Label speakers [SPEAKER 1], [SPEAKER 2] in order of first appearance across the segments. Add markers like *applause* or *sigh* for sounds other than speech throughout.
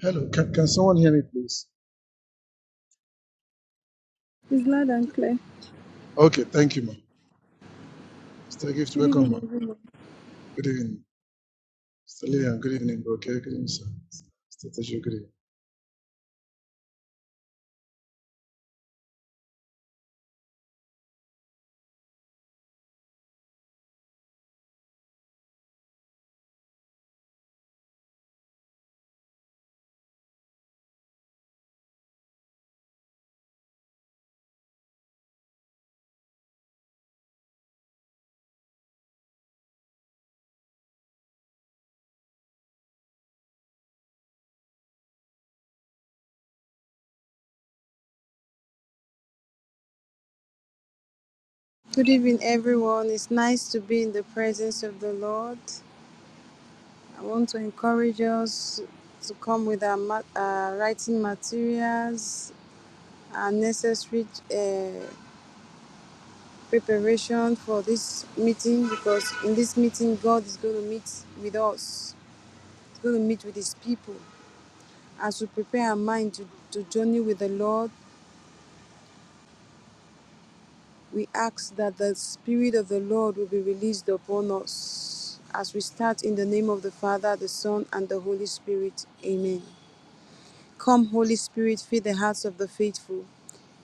[SPEAKER 1] Hello, can, can someone hear me, please?
[SPEAKER 2] It's loud and clear.
[SPEAKER 1] Okay, thank you, ma'am. Mr. Gift,
[SPEAKER 2] Good
[SPEAKER 1] welcome,
[SPEAKER 2] evening,
[SPEAKER 1] ma'am.
[SPEAKER 2] everyone.
[SPEAKER 1] Good evening. Mr. Lillian, good evening, bro. Okay, good evening, sir. Mr. Tejo, good evening.
[SPEAKER 2] Good evening, everyone. It's nice to be in the presence of the Lord. I want to encourage us to come with our ma- uh, writing materials and necessary uh, preparation for this meeting because in this meeting, God is going to meet with us, He's going to meet with His people. As we prepare our mind to, to journey with the Lord, We ask that the Spirit of the Lord will be released upon us as we start in the name of the Father, the Son, and the Holy Spirit. Amen. Come, Holy Spirit, fill the hearts of the faithful,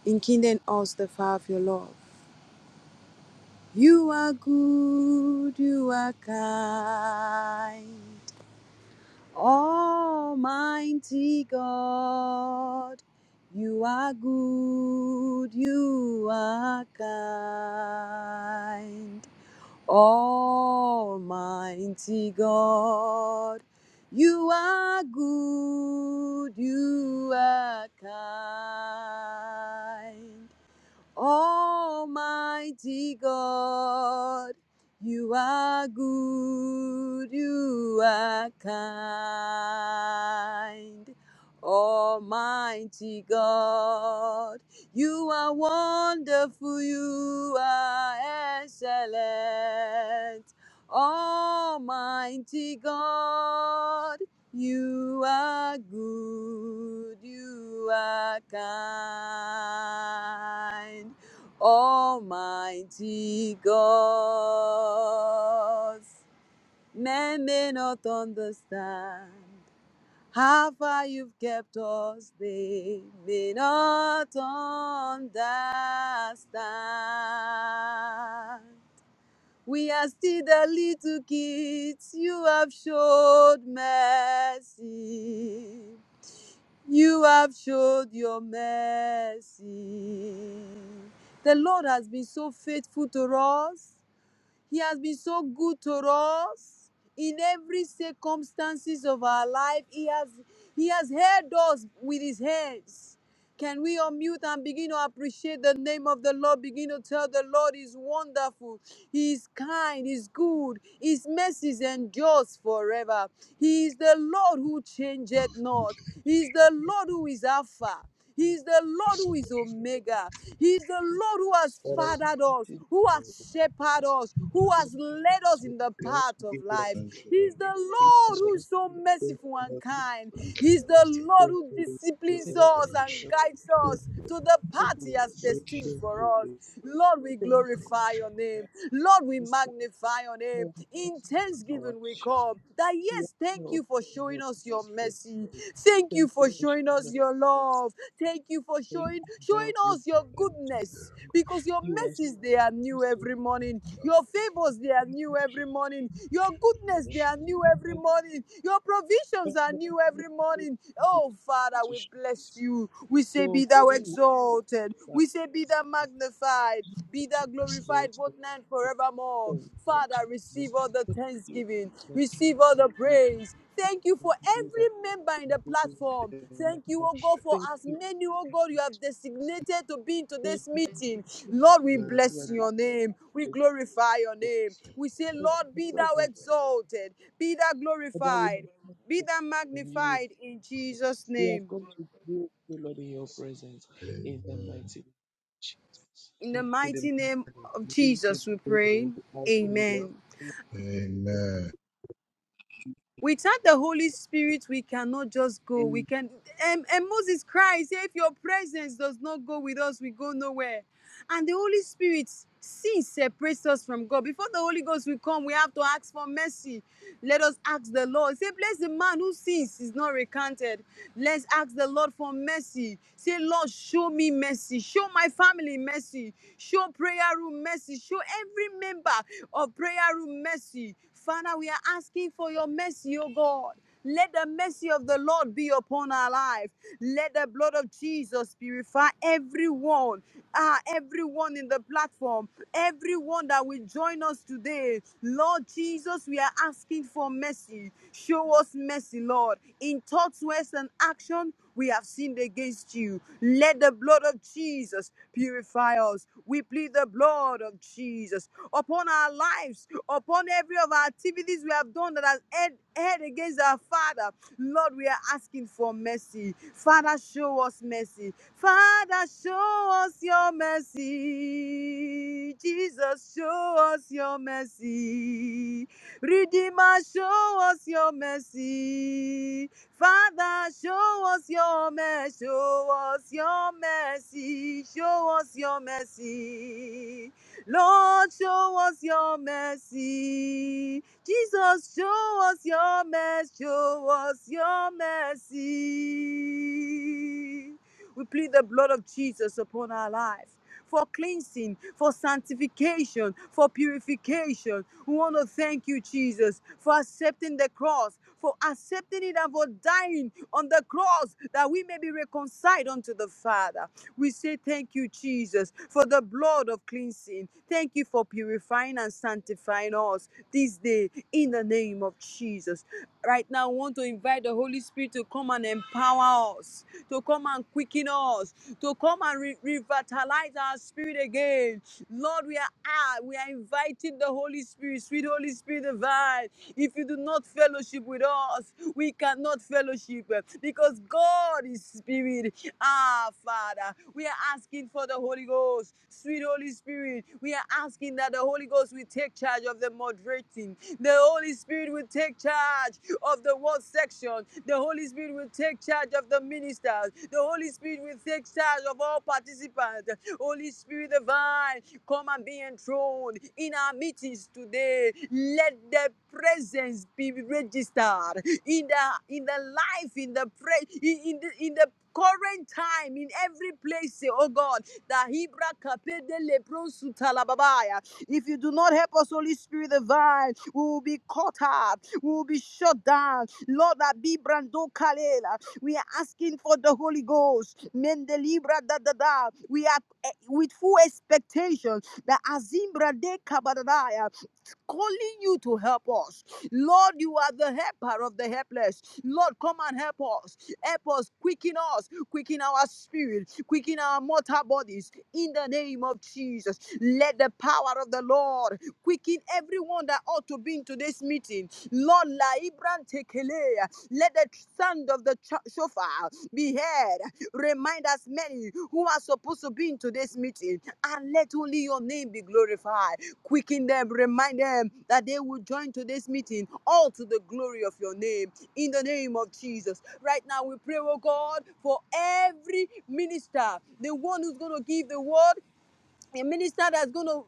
[SPEAKER 2] enkindle in us the fire of your love. You are good, you are kind. Almighty God, you are good, you are kind. Almighty God, you are good, you are kind. Almighty God, you are good, you are kind. Almighty God, you are wonderful, you are excellent. Almighty God, you are good, you are kind, Almighty God. Men may not understand how far you've kept us, they may not understand. We are still the little kids. You have showed mercy. You have showed your mercy. The Lord has been so faithful to us. He has been so good to us in every circumstances of our life. He has he has held us with his hands. Can we unmute and begin to appreciate the name of the Lord? Begin to tell the Lord is wonderful. He is kind, He is good, His mercies endures forever. He is the Lord who changeth
[SPEAKER 1] Thank
[SPEAKER 2] not.
[SPEAKER 1] you.
[SPEAKER 2] He is the
[SPEAKER 3] Thank
[SPEAKER 2] Lord who is Alpha. He
[SPEAKER 3] you
[SPEAKER 2] is the Lord
[SPEAKER 1] Bless you,
[SPEAKER 2] who is
[SPEAKER 1] Lord
[SPEAKER 2] Omega. He's the Lord who has
[SPEAKER 4] Amen.
[SPEAKER 1] Jesus.
[SPEAKER 2] fathered us, who has shepherded us, who
[SPEAKER 1] Bless
[SPEAKER 2] has
[SPEAKER 1] you.
[SPEAKER 2] led us in the path of life.
[SPEAKER 1] Thank you, Lord
[SPEAKER 2] He's the Lord
[SPEAKER 1] Jesus
[SPEAKER 2] who is
[SPEAKER 1] Christ.
[SPEAKER 2] so merciful and kind.
[SPEAKER 1] Thank you
[SPEAKER 2] He's
[SPEAKER 1] for
[SPEAKER 2] the
[SPEAKER 1] this day.
[SPEAKER 2] Lord who disciplines
[SPEAKER 1] The
[SPEAKER 2] us and
[SPEAKER 1] lunch.
[SPEAKER 2] guides us to the path He has
[SPEAKER 1] Thank you
[SPEAKER 2] destined
[SPEAKER 1] for the lunch. Thank you for this day. The
[SPEAKER 2] for us. Lord, we
[SPEAKER 1] lunch. The lunch. The
[SPEAKER 2] glorify
[SPEAKER 1] lunch.
[SPEAKER 2] your name. Lord, we magnify your name. In thanksgiving, we come that yes, thank you for showing us your mercy. Thank you for
[SPEAKER 3] for
[SPEAKER 2] showing us
[SPEAKER 3] showing
[SPEAKER 2] your
[SPEAKER 3] us this
[SPEAKER 2] love. Thank you for
[SPEAKER 3] great
[SPEAKER 2] showing showing
[SPEAKER 3] love we
[SPEAKER 2] us your
[SPEAKER 3] have.
[SPEAKER 2] goodness because your
[SPEAKER 3] You are
[SPEAKER 2] mercies
[SPEAKER 3] supposed
[SPEAKER 2] they are new
[SPEAKER 3] to
[SPEAKER 2] every morning. Your favors, they are
[SPEAKER 3] be my
[SPEAKER 2] new every morning. Your goodness,
[SPEAKER 3] Lord.
[SPEAKER 2] they are new
[SPEAKER 3] You
[SPEAKER 2] every
[SPEAKER 3] are the
[SPEAKER 2] morning. Your provisions
[SPEAKER 3] Father
[SPEAKER 2] are
[SPEAKER 3] of
[SPEAKER 2] new
[SPEAKER 3] the people
[SPEAKER 2] every
[SPEAKER 3] who
[SPEAKER 2] morning. Oh,
[SPEAKER 3] gives
[SPEAKER 2] Father,
[SPEAKER 3] to
[SPEAKER 2] we
[SPEAKER 3] show us.
[SPEAKER 2] bless you. We say,
[SPEAKER 3] Your
[SPEAKER 2] Be thou
[SPEAKER 3] holy love for us
[SPEAKER 2] exalted.
[SPEAKER 3] that
[SPEAKER 2] We say, Be thou magnified.
[SPEAKER 3] Jesus
[SPEAKER 2] Be thou
[SPEAKER 1] Bless you.
[SPEAKER 2] glorified
[SPEAKER 3] exalts
[SPEAKER 2] both now and
[SPEAKER 3] you.
[SPEAKER 2] forevermore.
[SPEAKER 3] Thank you,
[SPEAKER 2] Father,
[SPEAKER 3] Jesus.
[SPEAKER 2] receive all the
[SPEAKER 3] Thank you
[SPEAKER 2] thanksgiving,
[SPEAKER 3] for
[SPEAKER 2] receive all the
[SPEAKER 3] the
[SPEAKER 2] praise. Thank you for
[SPEAKER 3] good
[SPEAKER 2] every member in the platform.
[SPEAKER 3] of
[SPEAKER 2] Thank you,
[SPEAKER 3] God.
[SPEAKER 2] oh God, for
[SPEAKER 3] Thank
[SPEAKER 2] as
[SPEAKER 3] you.
[SPEAKER 2] many, oh God, you have designated to be in
[SPEAKER 3] Thank
[SPEAKER 2] today's
[SPEAKER 3] you for the
[SPEAKER 2] meeting. Lord,
[SPEAKER 3] opportunity
[SPEAKER 2] we
[SPEAKER 3] that you
[SPEAKER 2] bless
[SPEAKER 3] have given
[SPEAKER 2] your name. We
[SPEAKER 3] to
[SPEAKER 2] glorify your
[SPEAKER 3] us
[SPEAKER 2] name. We say,
[SPEAKER 3] because of
[SPEAKER 2] Lord,
[SPEAKER 3] the
[SPEAKER 2] be thou
[SPEAKER 3] present
[SPEAKER 2] exalted, be thou
[SPEAKER 3] about we
[SPEAKER 2] glorified,
[SPEAKER 3] have
[SPEAKER 2] be thou
[SPEAKER 3] the of you.
[SPEAKER 2] magnified in Jesus'
[SPEAKER 3] We have
[SPEAKER 2] name.
[SPEAKER 3] come to you, O Lord, in your presence in the
[SPEAKER 1] Amen.
[SPEAKER 3] mighty name of Jesus.
[SPEAKER 2] In the mighty name of Jesus, we pray. Amen.
[SPEAKER 3] Amen.
[SPEAKER 1] Amen.
[SPEAKER 2] Without the Holy Spirit, we cannot just go. We can. And, and Moses cries, If your presence does not go with us, we go nowhere. And the Holy Spirit, sin separates us from God. Before the Holy Ghost will come, we have to ask for mercy. Let us ask the Lord. Say, bless the man who sins is not recanted. Let's ask the Lord for mercy. Say, Lord, show me mercy. Show my family mercy. Show prayer room mercy. Show every member of prayer room mercy. Father, we are asking for your mercy, oh God. Let the mercy of the Lord be upon our life. Let the blood of Jesus purify everyone, ah, everyone in the platform, everyone that will join us today. Lord Jesus, we are asking for mercy. Show us mercy, Lord. In thoughts, words, and action, we have sinned against you. Let the blood of Jesus purify us. We plead the blood of Jesus upon our lives, upon every of our activities we have done that has head, head against our Father. Lord, we are asking for mercy. Father, show us mercy. Father, show us your mercy. Jesus, show us your mercy. Redeemer, show us your mercy. Father, show us your mercy. Show us your mercy. Show us your mercy. Lord, show us your mercy. Jesus, show us your mercy. Show us your mercy. We plead the blood of Jesus upon our life for cleansing, for sanctification, for purification. We want to thank you, Jesus, for accepting the cross, for accepting it and for dying on the cross that we may be reconciled unto the Father. We say thank you, Jesus, for the blood of cleansing. Thank you for purifying and sanctifying us this day in the name of Jesus. Right now, I want to invite the Holy Spirit to come and empower us, to come and quicken us, to come and re- revitalize our spirit again. Lord, we are ah, we are inviting the Holy Spirit, sweet Holy Spirit divine. If you do not fellowship with us, we cannot fellowship uh, because God is spirit. Ah, Father, we are asking for the Holy Ghost, sweet Holy Spirit. We are asking that the Holy Ghost will take charge of the moderating. The Holy Spirit will take charge of the world section. The Holy Spirit will take charge of the ministers. The Holy Spirit will take charge of all participants. Holy Spirit divine, come and be enthroned in our meetings today. Let the presence be registered in the in the life, in the pray, in, in the in the current time, in every place, oh God. The Hebra Kapedele Prosutalababaya, if you do not help us, Holy Spirit divine, we will be caught up, we will be shut down. Lord, Abi Brando Kalela, we are asking for the Holy Ghost. Mendelibra da da da. We are eh, with full expectation that Azimbra de Kabadadaya calling you to help us. Lord, you are the helper of the helpless. Lord, come and help us. Help us, quicken us, quicken our spirit, quicken our mortal bodies in the name of Jesus. Let the power of the Lord quicken everyone that ought to be in today's meeting. Lord, La Ibran Tekelea, let the sound of the cho- shofar be heard. Remind us many who are supposed to be in today's meeting and let only your name be glorified. Quicken them, remind them that they will join today's meeting all to the glory of your name. In the name of Jesus. Right now, we pray, oh God, for every minister, the one who's going to give the word, a minister that's going to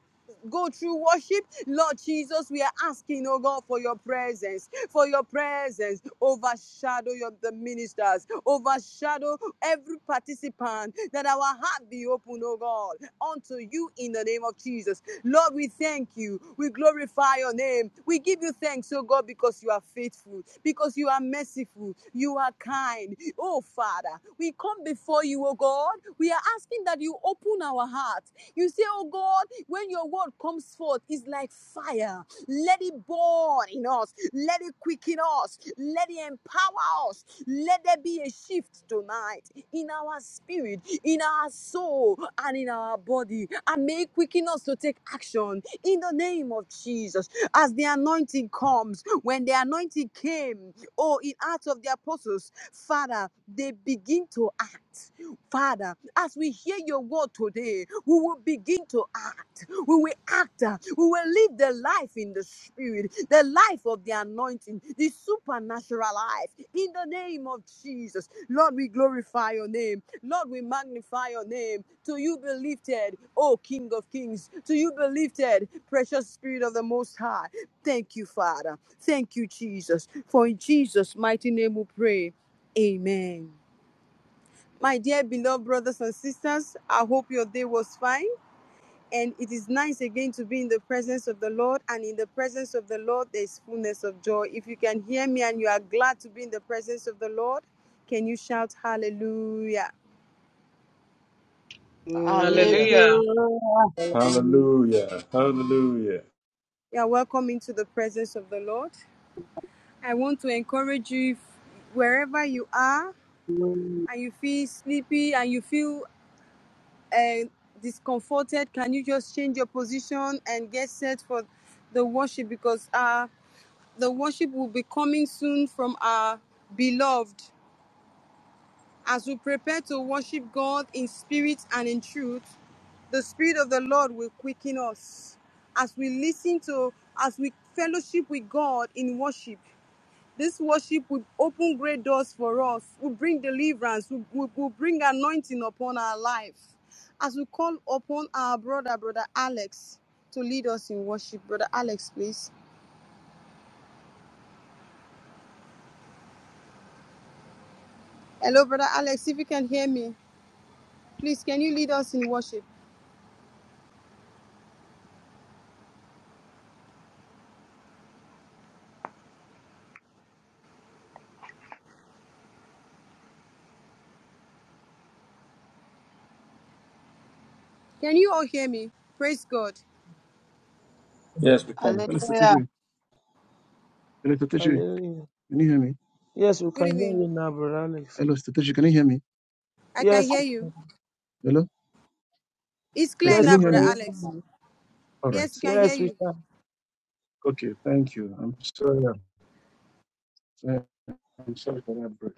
[SPEAKER 2] go through worship lord jesus we are asking oh god for your presence for your presence overshadow your the ministers overshadow every participant that our heart be open oh god unto you in the name of jesus lord we thank you we glorify your name we give you thanks oh god because you are faithful because you are merciful you are kind oh father we come before you oh god we are asking that you open our heart you say, Oh God, when your word comes forth, it's like fire. Let it burn in us. Let it quicken us. Let it empower us. Let there be a shift tonight in our spirit, in our soul, and in our body. And may it quicken us to take action in the name of Jesus. As the anointing comes, when the anointing came, oh, in Acts of the Apostles, Father, they begin to act. Father, as we hear your word today, we will begin to act. We will act. uh, We will live the life in the spirit, the life of the anointing, the supernatural life. In the name of Jesus, Lord, we glorify your name. Lord, we magnify your name. To you be lifted, O King of Kings. To you be lifted, precious Spirit of the Most High. Thank you, Father. Thank you, Jesus. For in Jesus' mighty name we pray. Amen. My dear beloved brothers and sisters, I hope your day was fine. And it is nice again to be in the presence of the Lord. And in the presence of the Lord, there is fullness of joy. If you can hear me and you are glad to be in the presence of the Lord, can you shout hallelujah?
[SPEAKER 5] Hallelujah.
[SPEAKER 6] Hallelujah.
[SPEAKER 7] Hallelujah. Hallelujah.
[SPEAKER 2] You are welcome into the presence of the Lord. I want to encourage you if wherever you are and you feel sleepy and you feel uh, discomforted, can you just change your position and get set for the worship? Because uh, The worship will be coming soon from our beloved. As we prepare to worship God in spirit and in truth, the Spirit of the Lord will quicken us. As we listen to, as we fellowship with God in worship, this worship would open great doors for us, will bring deliverance, will, will, will bring anointing upon our life. As we call upon our brother, Brother Alex, to lead us in worship. Brother Alex, please. Hello, Brother Alex, if you can hear me. Please, can you lead us in worship? Can you all hear me? Praise God.
[SPEAKER 7] Yes, we can.
[SPEAKER 6] Hallelujah.
[SPEAKER 3] Hallelujah. Yes, we
[SPEAKER 2] Good
[SPEAKER 3] can hear
[SPEAKER 2] evening.
[SPEAKER 3] you now, Brother Alex.
[SPEAKER 1] Hello,
[SPEAKER 2] I can
[SPEAKER 3] Yes,
[SPEAKER 2] hear
[SPEAKER 3] we
[SPEAKER 2] you.
[SPEAKER 3] can.
[SPEAKER 1] hello.
[SPEAKER 2] It's
[SPEAKER 1] Uh,
[SPEAKER 2] clear
[SPEAKER 3] Yes,
[SPEAKER 1] can
[SPEAKER 3] we
[SPEAKER 2] now,
[SPEAKER 1] you hear
[SPEAKER 3] can
[SPEAKER 2] Brother
[SPEAKER 3] hear
[SPEAKER 1] me?
[SPEAKER 2] Alex.
[SPEAKER 3] you.
[SPEAKER 1] All right.
[SPEAKER 2] Yes, we can hear
[SPEAKER 3] Yes, we
[SPEAKER 2] you.
[SPEAKER 3] can.
[SPEAKER 1] Okay, thank you. I'm sorry. I'm sorry for that, bro.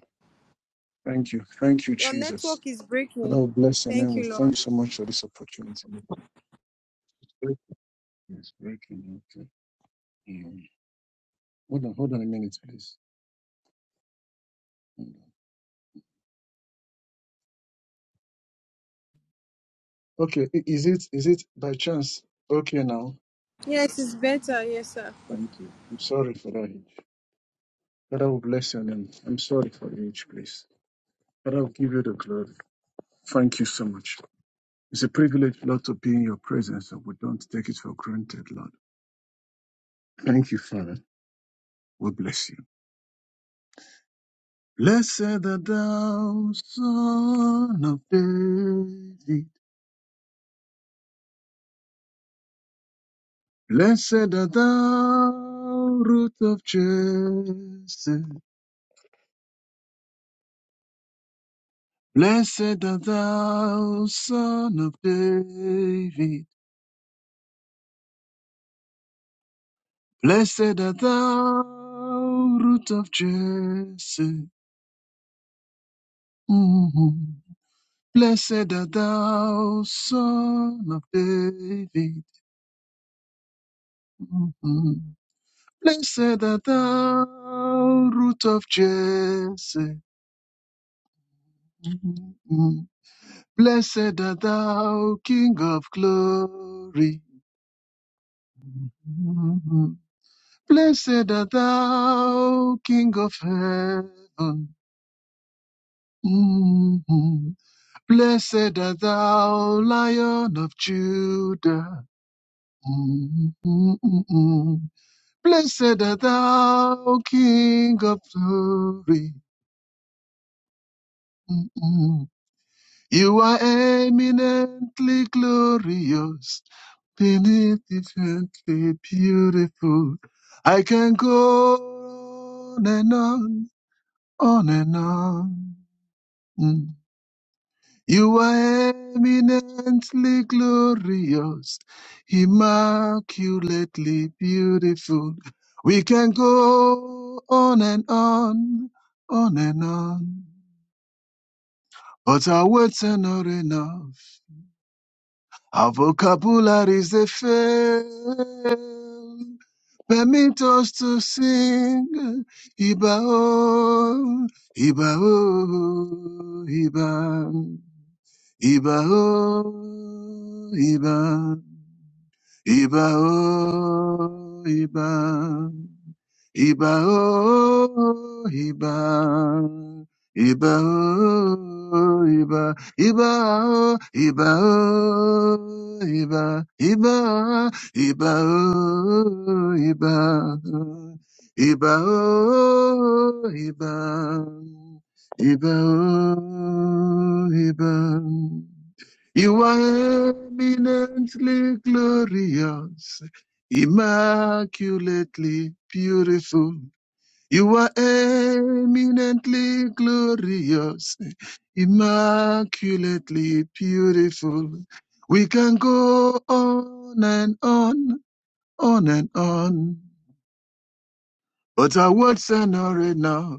[SPEAKER 1] Thank you. Thank you,
[SPEAKER 2] Your network
[SPEAKER 1] Jesus.
[SPEAKER 2] is
[SPEAKER 1] Father,
[SPEAKER 2] breaking.
[SPEAKER 1] we bless your name.
[SPEAKER 2] Thank
[SPEAKER 1] We
[SPEAKER 2] you,
[SPEAKER 1] thank
[SPEAKER 2] Lord.
[SPEAKER 1] you so much for this opportunity. It's breaking. Okay. Mm. Hold on, hold on a minute, please. Okay, i- is it is it by chance? Okay now.
[SPEAKER 2] Yes, it's better. Yes, sir.
[SPEAKER 1] Thank you. I'm sorry for that. Father, we bless your name. I'm sorry for the each, please. Father, will give you the glory. Thank you so much. It's a privilege, Lord, to be in your presence, and we don't take it for granted, Lord. Thank you, Father. We bless you. Blessed art thou, son of David. Blessed art thou, root of Jesse. Blessed art thou, son of David. Blessed art thou, root of Jesse. Mhm. Blessed art thou, son of David. Mhm. Blessed art thou, root of Jesse. Mhm. Blessed art thou, King of glory. Mhm. Blessed art thou, King of heaven. Mhm. Blessed art thou, Lion of Judah. Mhm. Blessed art thou, King of glory. Mhm. You are eminently glorious. infinitely beautiful. I can go on and on, on and on. Mm. You are eminently glorious, immaculately beautiful. We can go on and on, on and on, but our words are not enough. Our vocabularies they fail. Permit us to sing Iba oh, Iba oh, Iba, Iba oh, Iba. Iba o iba, iba o iba, iba o iba, iba o iba o iba, iba iba o iba, iba o iba, iba o iba. You are eminently glorious, immaculately beautiful. You are eminently glorious, immaculately beautiful. We can go on and on, on and on, but our words are not enough.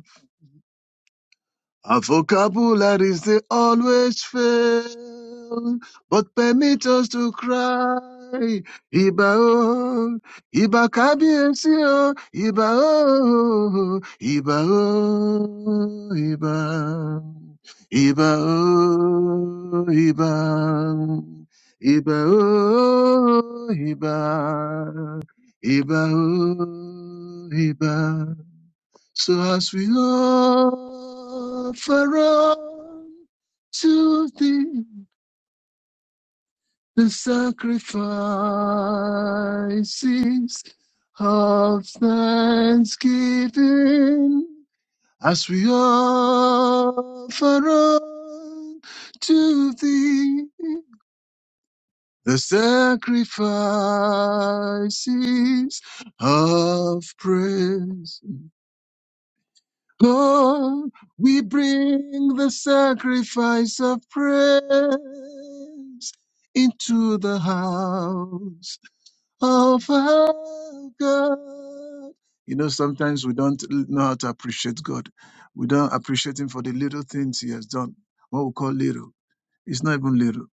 [SPEAKER 1] Our vocabularies they always fail, but permit us to cry. Iba oh, Iba kabiesi oh, Iba oh, Iba oh, Iba, Iba oh, Iba, Iba oh, Iba, Iba oh, Iba. So as we offer up to thee the sacrifices of thanksgiving, as we offer up to thee the sacrifices of praise. Come, we bring the sacrifice of praise into the house of our God. You know, sometimes we don't know how to appreciate God. We don't appreciate Him for the little things He has done. What we call little, it's not even little.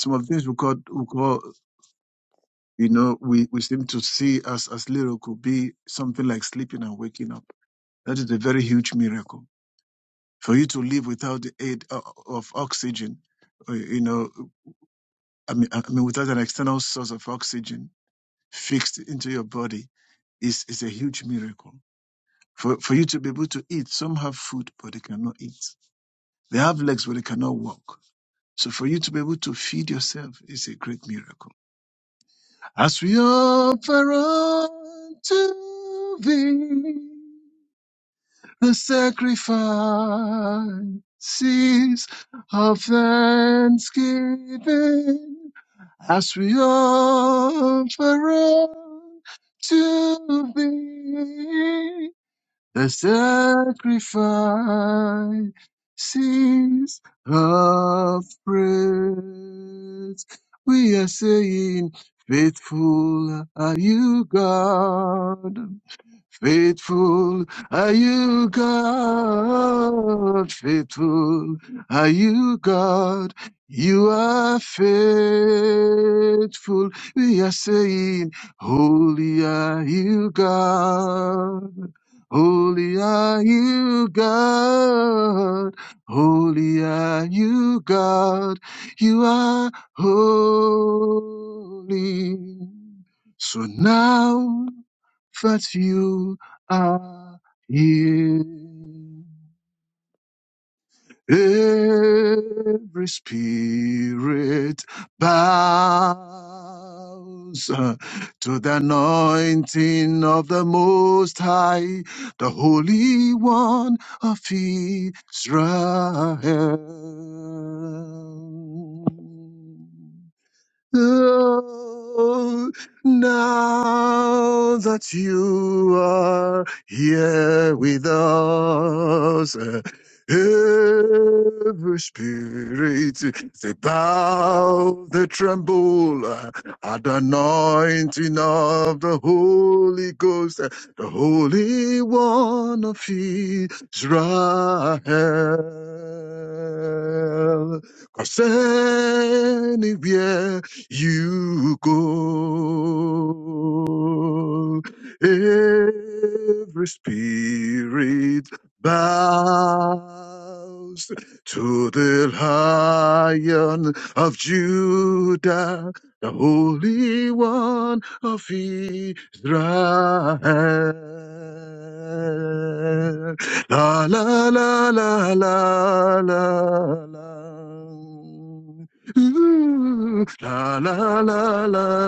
[SPEAKER 1] Some of the things we call, we call, you know, we, we seem to see as as little could be something like sleeping and waking up. That is a very huge miracle for you to live without the aid o- of oxygen, uh, you know, I mean, I mean, without an external source of oxygen fixed into your body is, is a huge miracle. For, for you to be able to eat, some have food, but they cannot eat. They have legs, but they cannot walk. So for you to be able to feed yourself is a great miracle. As we offer unto thee the sacrifices of thanksgiving as we offer up to thee the sacrifices of praise. We are saying, faithful are you, God. Faithful are you, God. Faithful are you, God. You are faithful. We are saying, Holy are you, God. Holy are you, God. Holy are you, God. You are holy. So now that you are here. Every spirit bows uh, to the anointing of the Most High, the Holy One of Israel. Oh, now that you are here with us, eh, every spirit they bow, they tremble eh, at the anointing of the Holy Ghost, eh, the Holy One of Israel. Cause anywhere you go. Every spirit bows to the lion of Judah, the Holy One of Israel. La la la la la la la. La la la la la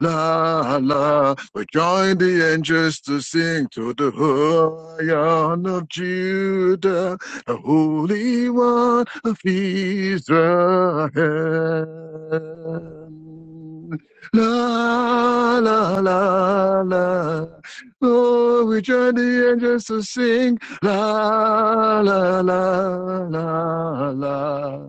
[SPEAKER 1] la la. We join the angels to sing to the Lion of Judah, the Holy One of Israel. La la la la. Oh, we join the angels to sing la la la la la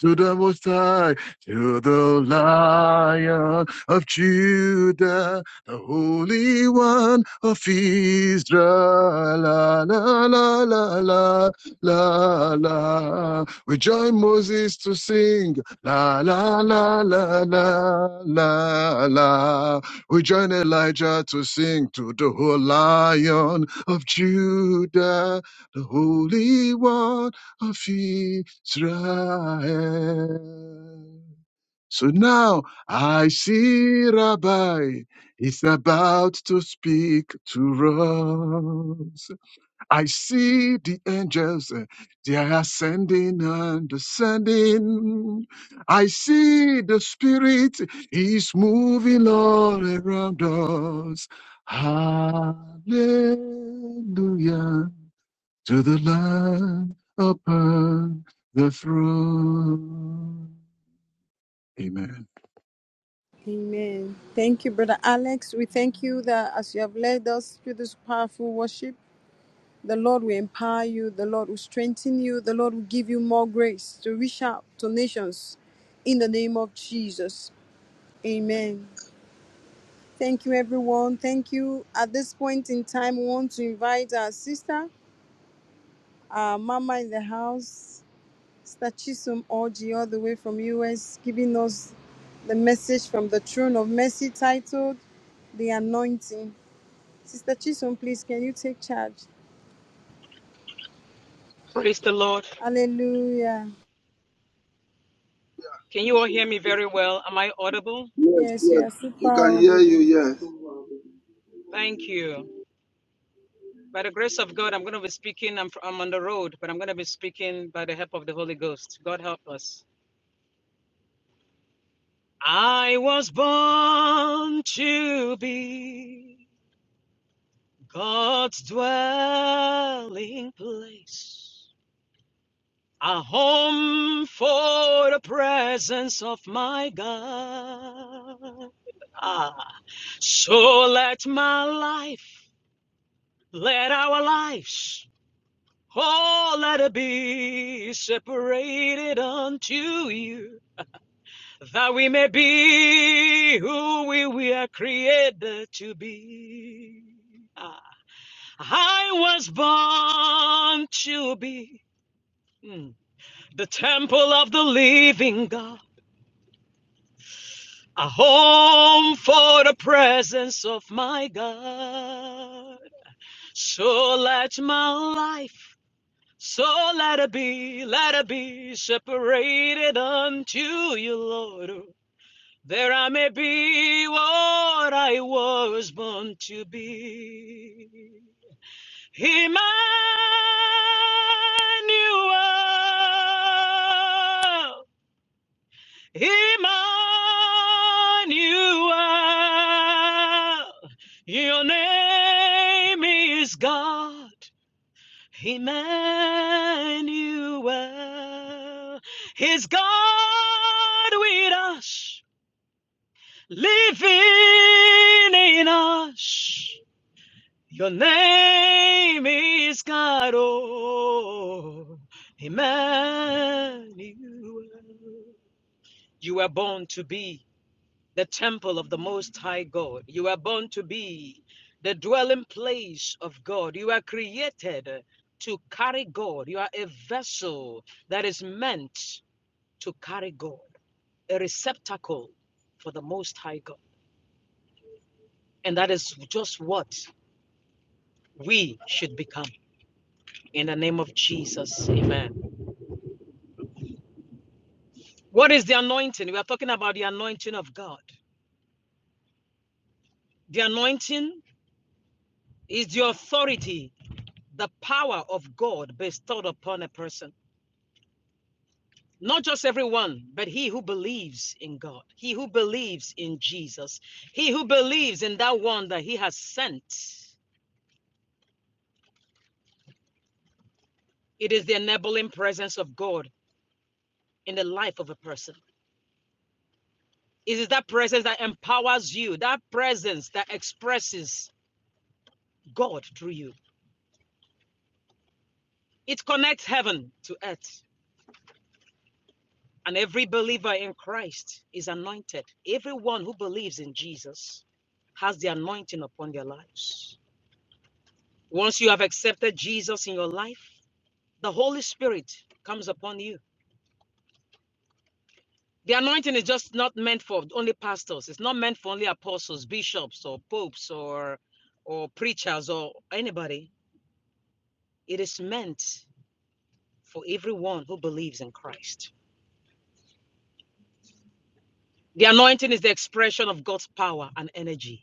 [SPEAKER 1] to the Most High, to the Lion of Judah, the Holy One of Israel. La la la la la la la. We join Moses to sing. La la la la la la la. We join Elijah to sing to the whole Lion of Judah, the Holy One of Israel. So now I see Rabbi is about to speak to us. I see the angels, eh, they are ascending and descending. I see the Spirit is moving all around us. Hallelujah to the Lamb upon the throne. Amen.
[SPEAKER 2] Amen. Thank you, Brother Alex. We thank you that as you have led us through this powerful worship, the Lord will empower you, the Lord will strengthen you, the Lord will give you more grace to reach out to nations in the name of Jesus. Amen. Thank you, everyone. Thank you. At this point in time, we want to invite our sister, our mama in the house, Sister Chisum Orji, all the way from US, giving us the message from the throne of mercy titled The Anointing. Sister Chisum, please, can you take charge?
[SPEAKER 5] Praise the Lord.
[SPEAKER 2] Hallelujah.
[SPEAKER 5] Can you all hear me very well? Am I audible?
[SPEAKER 8] Yes,
[SPEAKER 2] Yes, you
[SPEAKER 8] yes.
[SPEAKER 2] are super
[SPEAKER 8] You can hear you,
[SPEAKER 2] audible.
[SPEAKER 8] yes.
[SPEAKER 5] Thank you. By the grace of God, I'm going to be speaking. I'm, I'm on the road, but I'm going to be speaking by the help of the Holy Ghost. God help us. I was born to be God's dwelling place, a home for the presence of my God. Ah, so let my life Let our lives, oh, let it be separated unto you, that we may be who we were created to be. Ah, I was born to be mm, the temple of the living God, a home for the presence of my God. So let my life So let it be, let it be separated unto you, Lord. There I may be what I was born to be. Emmanuel, Emmanuel, your name is God. Emmanuel is God with us, living in us. Your name is God, oh Emmanuel. You were born to be the temple of the Most High God. You are born to be the dwelling place of God. You are created to carry God. You are a vessel that is meant to carry God, a receptacle for the Most High God. And that is just what we should become. In the name of Jesus, amen. What is the anointing? We are talking about the anointing of God. The anointing is the authority, the power of God bestowed upon a person. not just everyone, but he who believes in God, he who believes in Jesus, he who believes in that one that he has sent. It is the enabling presence of God in the life of a person. It is that presence that empowers you, that presence that expresses God through you. It connects heaven to earth. And every believer in Christ is anointed. Everyone who believes in Jesus has the anointing upon their lives. Once you have accepted Jesus in your life, the Holy Spirit comes upon you. The anointing is just not meant for only pastors. It's not meant for only apostles, bishops, or popes, or or preachers, or anybody. It is meant for everyone who believes in Christ. The anointing is the expression of God's power and energy.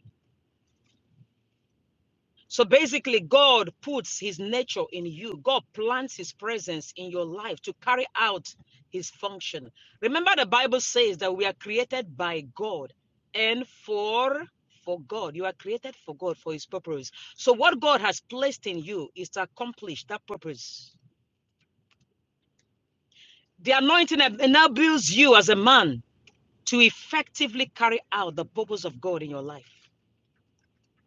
[SPEAKER 5] So basically, God puts his nature in you. God plants his presence in your life to carry out his function. Remember, the Bible says that we are created by God and for for God. You are created for God for his purpose. So what God has placed in you is to accomplish that purpose. The anointing enables you as a man to effectively carry out the purpose of God in your life.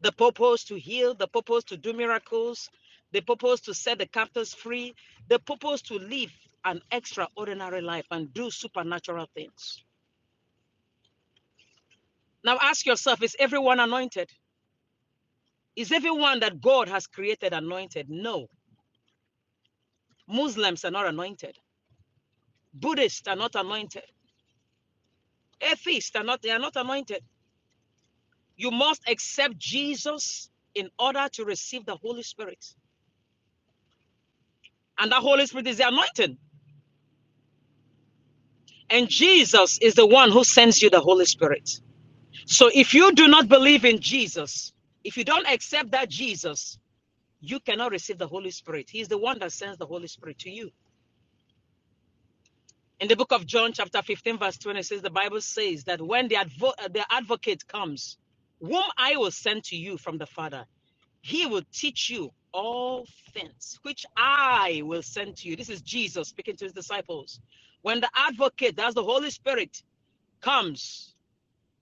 [SPEAKER 5] the purpose to heal, the purpose to do miracles, the purpose to set the captives free, the purpose to live an extraordinary life and do supernatural things. Now ask yourself is everyone anointed? Is everyone that God has created anointed? No. Muslims are not anointed. Buddhists are not anointed. Atheists are not they are not anointed. You must accept Jesus in order to receive the Holy Spirit. And the Holy Spirit is the anointing. And Jesus is the one who sends you the Holy Spirit. So if you do not believe in Jesus, if you don't accept that Jesus, you cannot receive the Holy Spirit. He's the one that sends the Holy Spirit to you. In the book of John, chapter 15, verse 20, says the Bible says that when the, advo- uh, the advocate comes, whom I will send to you from the Father, he will teach you all things which I will send to you. This is Jesus speaking to his disciples. When the advocate, that's the Holy Spirit, comes,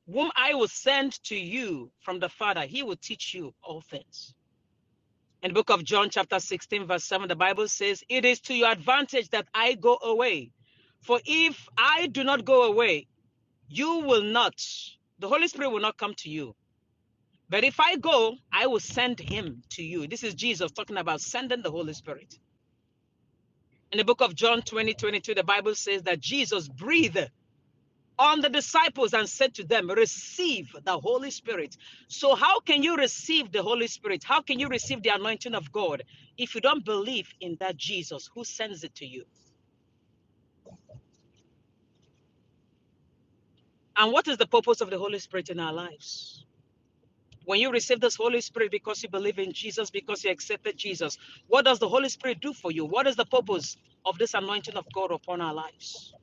[SPEAKER 5] whom I will send to you from the Father, he will teach you all things. In the book of John, chapter 16, verse 7, the Bible says, It is to your advantage that I go away. For if I do not go away, you will not, the Holy Spirit will not come to you. But if I go, I will send him to you. This is Jesus talking about sending the Holy Spirit. In the book of John 20 22, the Bible says that Jesus breathed on the disciples and said to them, Receive the Holy Spirit. So, how can you receive the Holy Spirit? How can you receive the anointing of God if you don't believe in that Jesus who sends it to you? And what is the purpose of the Holy Spirit in our lives? When you receive this Holy Spirit because you believe in Jesus, because you accepted Jesus, what does the Holy Spirit do for you? What is the purpose of this anointing of God upon our lives?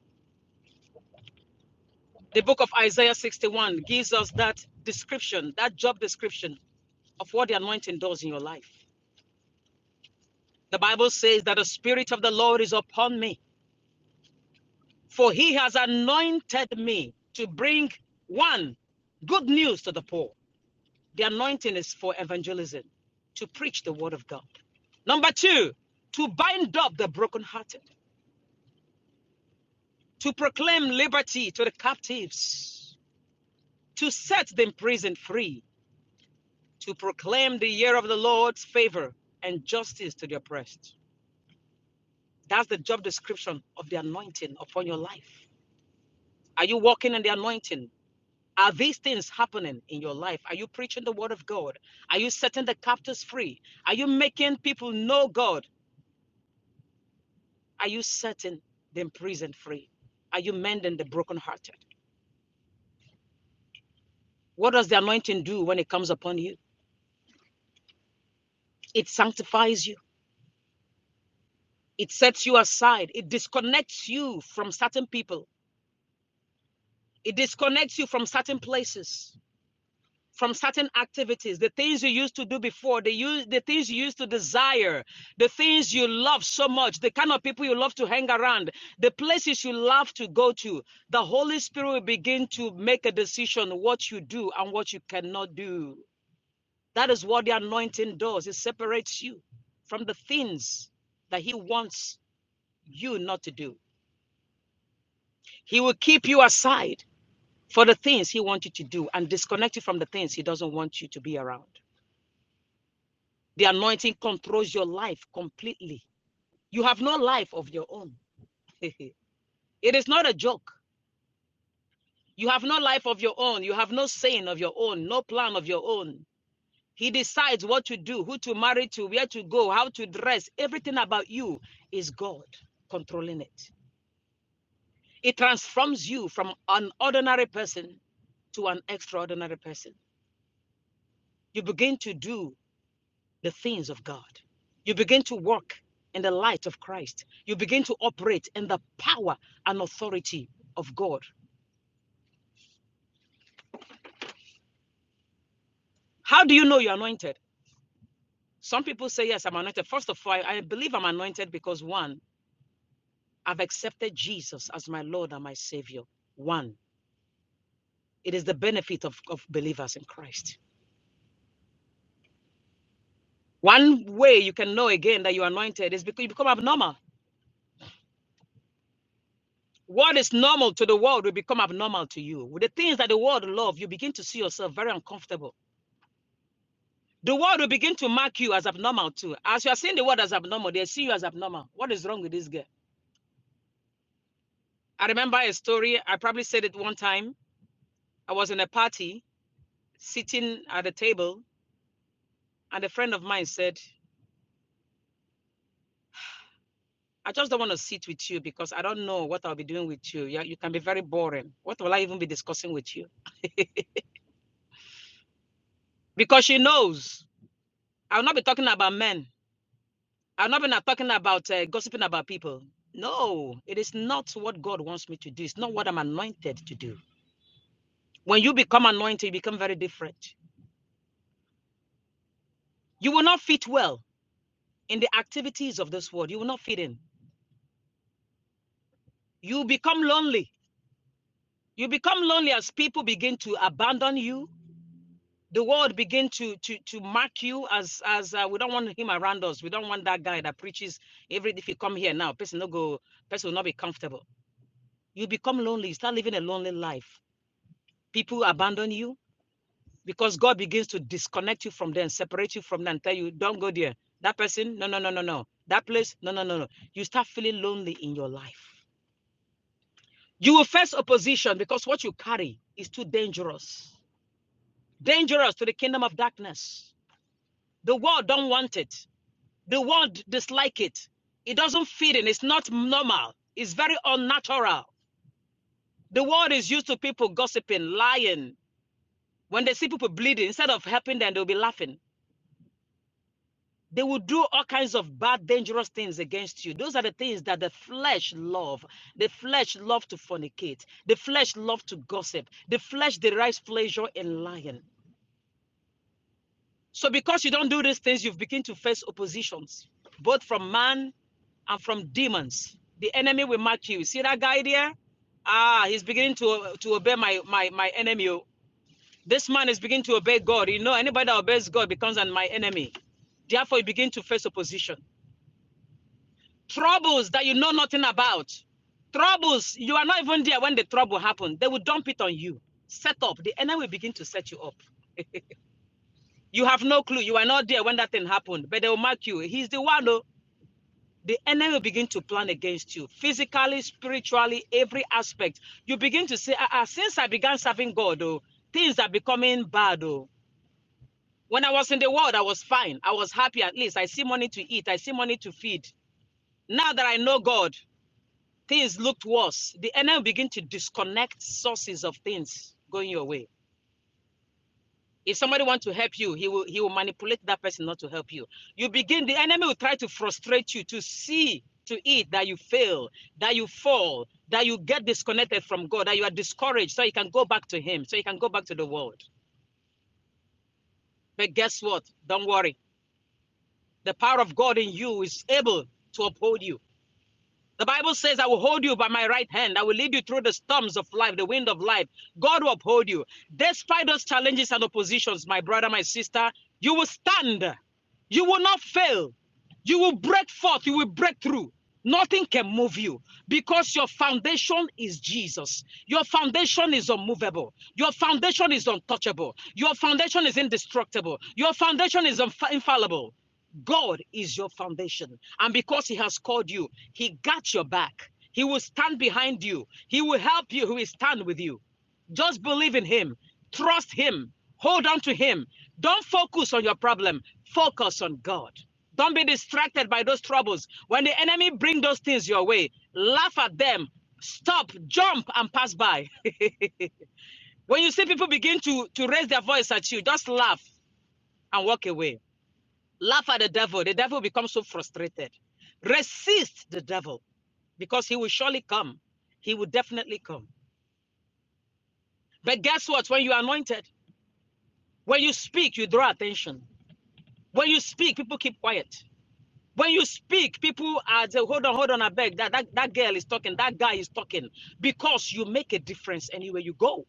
[SPEAKER 5] The book of Isaiah 61 gives us that description, that job description of what the anointing does in your life. The Bible says that the Spirit of the Lord is upon me, for he has anointed me to bring one good news to the poor. The anointing is for evangelism, to preach the word of God. Number two, to bind up the brokenhearted, to proclaim liberty to the captives, to set the imprisoned free, to proclaim the year of the Lord's favor and justice to the oppressed. That's the job description of the anointing upon your life. Are you walking in the anointing? Are these things happening in your life? Are you preaching the word of God? Are you setting the captives free? Are you making people know God? Are you setting the imprisoned free? Are you mending the brokenhearted? What does the anointing do when it comes upon you? It sanctifies you, it sets you aside, it disconnects you from certain people, it disconnects you from certain places. from certain activities, the things you used to do before, the use the things you used to desire, the things you love so much, the kind of people you love to hang around, the places you love to go to. The Holy Spirit will begin to make a decision what you do and what you cannot do. That is what the anointing does. It separates you from the things that he wants you not to do. He will keep you aside for the things he wants you to do and disconnect you from the things he doesn't want you to be around. The anointing controls your life completely. You have no life of your own. *laughs* it is not a joke. You have no life of your own. You have no saying of your own, no plan of your own. He decides what to do, who to marry to, where to go, how to dress. Everything about you is God controlling it. It transforms you from an ordinary person to an extraordinary person. You begin to do the things of God. You begin to walk in the light of Christ. You begin to operate in the power and authority of God. How do you know you're anointed? Some people say, Yes, I'm anointed. First of all, I I believe I'm anointed because one, I've accepted Jesus as my Lord and my Savior. One, it is the benefit of, of believers in Christ. One way you can know again that you're anointed is because you become abnormal. What is normal to the world will become abnormal to you. With the things that the world love, you begin to see yourself very uncomfortable The world will begin to mark you as abnormal too. As you are seeing the world as abnormal, they see you as abnormal. What is wrong with this girl? I remember a story. I probably said it one time. I was in a party, sitting at a table, and a friend of mine said, I just don't want to sit with you because I don't know what I'll be doing with you. Yeah, You, can be very boring. What will I even be discussing with you? *laughs* because she knows I'll not be talking about men. I'll not be not talking about uh, gossiping about people. No, it is not what God wants me to do. It's not what I'm anointed to do. When you become anointed, you become very different. You will not fit well in the activities of this world. You will not fit in. You become lonely. You become lonely as people begin to abandon you. The world begin to to to mark you as as uh, we don't want him around us. We don't want that guy that preaches every. If you come here now, person no go. Person will not be comfortable. You become lonely. You start living a lonely life. People abandon you because God begins to disconnect you from there and separate you from there and tell you, don't go there. That person, no, no, no, no, no. That place, no, no, no, no. You start feeling lonely in your life. You will face opposition because what you carry is too dangerous. Dangerous to the kingdom of darkness. The world don't want it. The world dislike it. It doesn't fit in. It's not normal. It's very unnatural. The world is used to people gossiping, lying. When they see people bleeding, instead of helping them, they'll be laughing They will do all kinds of bad, dangerous things against you. Those are the things that the flesh love. The flesh love to fornicate. The flesh love to gossip. The flesh derives pleasure in lying. So because you don't do these things, you've begin to face oppositions, both from man and from demons. The enemy will mark you. See that guy there? Ah, he's beginning to to obey my my my enemy. oh. This man is beginning to obey God. You know, anybody that obeys God becomes an my enemy. Therefore, you begin to face opposition. troubles that you know nothing about. Troubles, you are not even there when the trouble happened. They will dump it on you. Set up. The enemy will begin to set you up. You have no clue. You are not there when that thing happened, but they will mark you. He's the one who the enemy will begin to plan against you physically, spiritually, every aspect. You begin to say, ah, ah, since I began serving God, oh, things are becoming bad. Oh. When I was in the world, I was fine. I was happy at least. I see money to eat. I see money to feed. Now that I know God, things looked worse. The enemy begin to disconnect sources of things going your way. If somebody wants to help you, he will he will manipulate that person not to help you. You begin the enemy will try to frustrate you to see to it that you fail, that you fall, that you get disconnected from God, that you are discouraged, so you can go back to Him, so you can go back to the world. But guess what? Don't worry. The power of God in you is able to uphold you. The Bible says, I will hold you by my right hand. I will lead you through the storms of life, the wind of life. God will uphold you. Despite those challenges and oppositions, my brother, my sister, you will stand. You will not fail. You will break forth. You will break through. Nothing can move you because your foundation is Jesus. Your foundation is unmovable. Your foundation is untouchable. Your foundation is indestructible. Your foundation is infa- infallible. God is your foundation. And because He has called you, He got your back. He will stand behind you. He will help you. He will stand with you. Just believe in Him. Trust Him. Hold on to Him. Don't focus on your problem. Focus on God. Don't be distracted by those troubles. When the enemy bring those things your way, laugh at them. Stop, jump, and pass by. *laughs* when you see people begin to, to raise their voice at you, just laugh and walk away Laugh at the devil. The devil becomes so frustrated. Resist the devil because he will surely come. He will definitely come. But guess what? When you are anointed, when you speak, you draw attention. When you speak, people keep quiet. When you speak, people are saying, hold on, hold on, I beg. That, that that girl is talking, that guy is talking. Because you make a difference anywhere you go.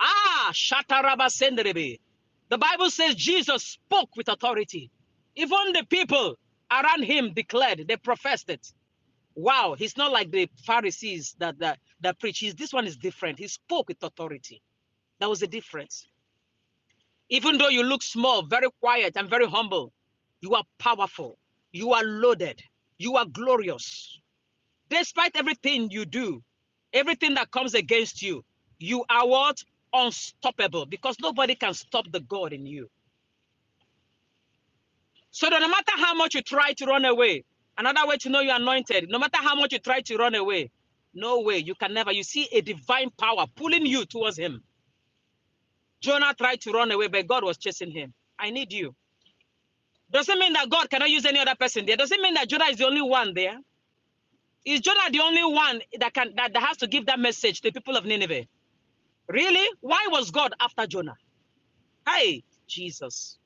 [SPEAKER 5] Ah, Shataraba Senderebe. The Bible says Jesus spoke with authority. Even the people around him declared, they professed it. Wow, he's not like the Pharisees that that, that preach. He's, this one is different. He spoke with authority. That was the difference. Even though you look small, very quiet, and very humble, you are powerful. You are loaded. You are glorious. Despite everything you do, everything that comes against you, you are what? Unstoppable because nobody can stop the God in you. So that no matter how much you try to run away, another way to know you're anointed, no matter how much you try to run away, no way, you can never. You see a divine power pulling you towards him. Jonah tried to run away, but God was chasing him. I need you. Doesn't mean that God cannot use any other person there. Doesn't mean that Jonah is the only one there. Is Jonah the only one that can that, that has to give that message to the people of Nineveh? Really? Why was God after Jonah? Hey, Jesus.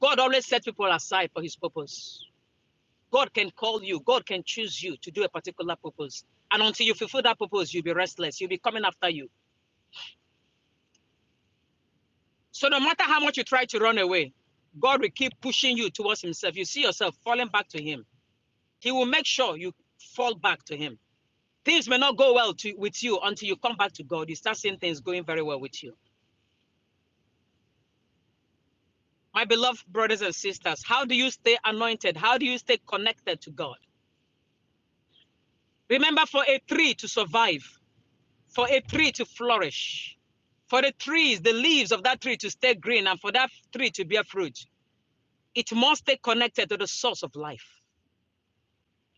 [SPEAKER 5] God always set people aside for his purpose. God can call you, God can choose you to do a particular purpose. And until you fulfill that purpose, you'll be restless, you'll be coming after you. So no matter how much you try to run away, God will keep pushing you towards Himself. You see yourself falling back to Him. He will make sure you fall back to Him. Things may not go well to, with you until you come back to God. You start seeing things going very well with you. My beloved brothers and sisters, how do you stay anointed? How do you stay connected to God? Remember, for a tree to survive, for a tree to flourish, for the trees, the leaves of that tree to stay green, and for that tree to bear fruit, it must stay connected to the source of life.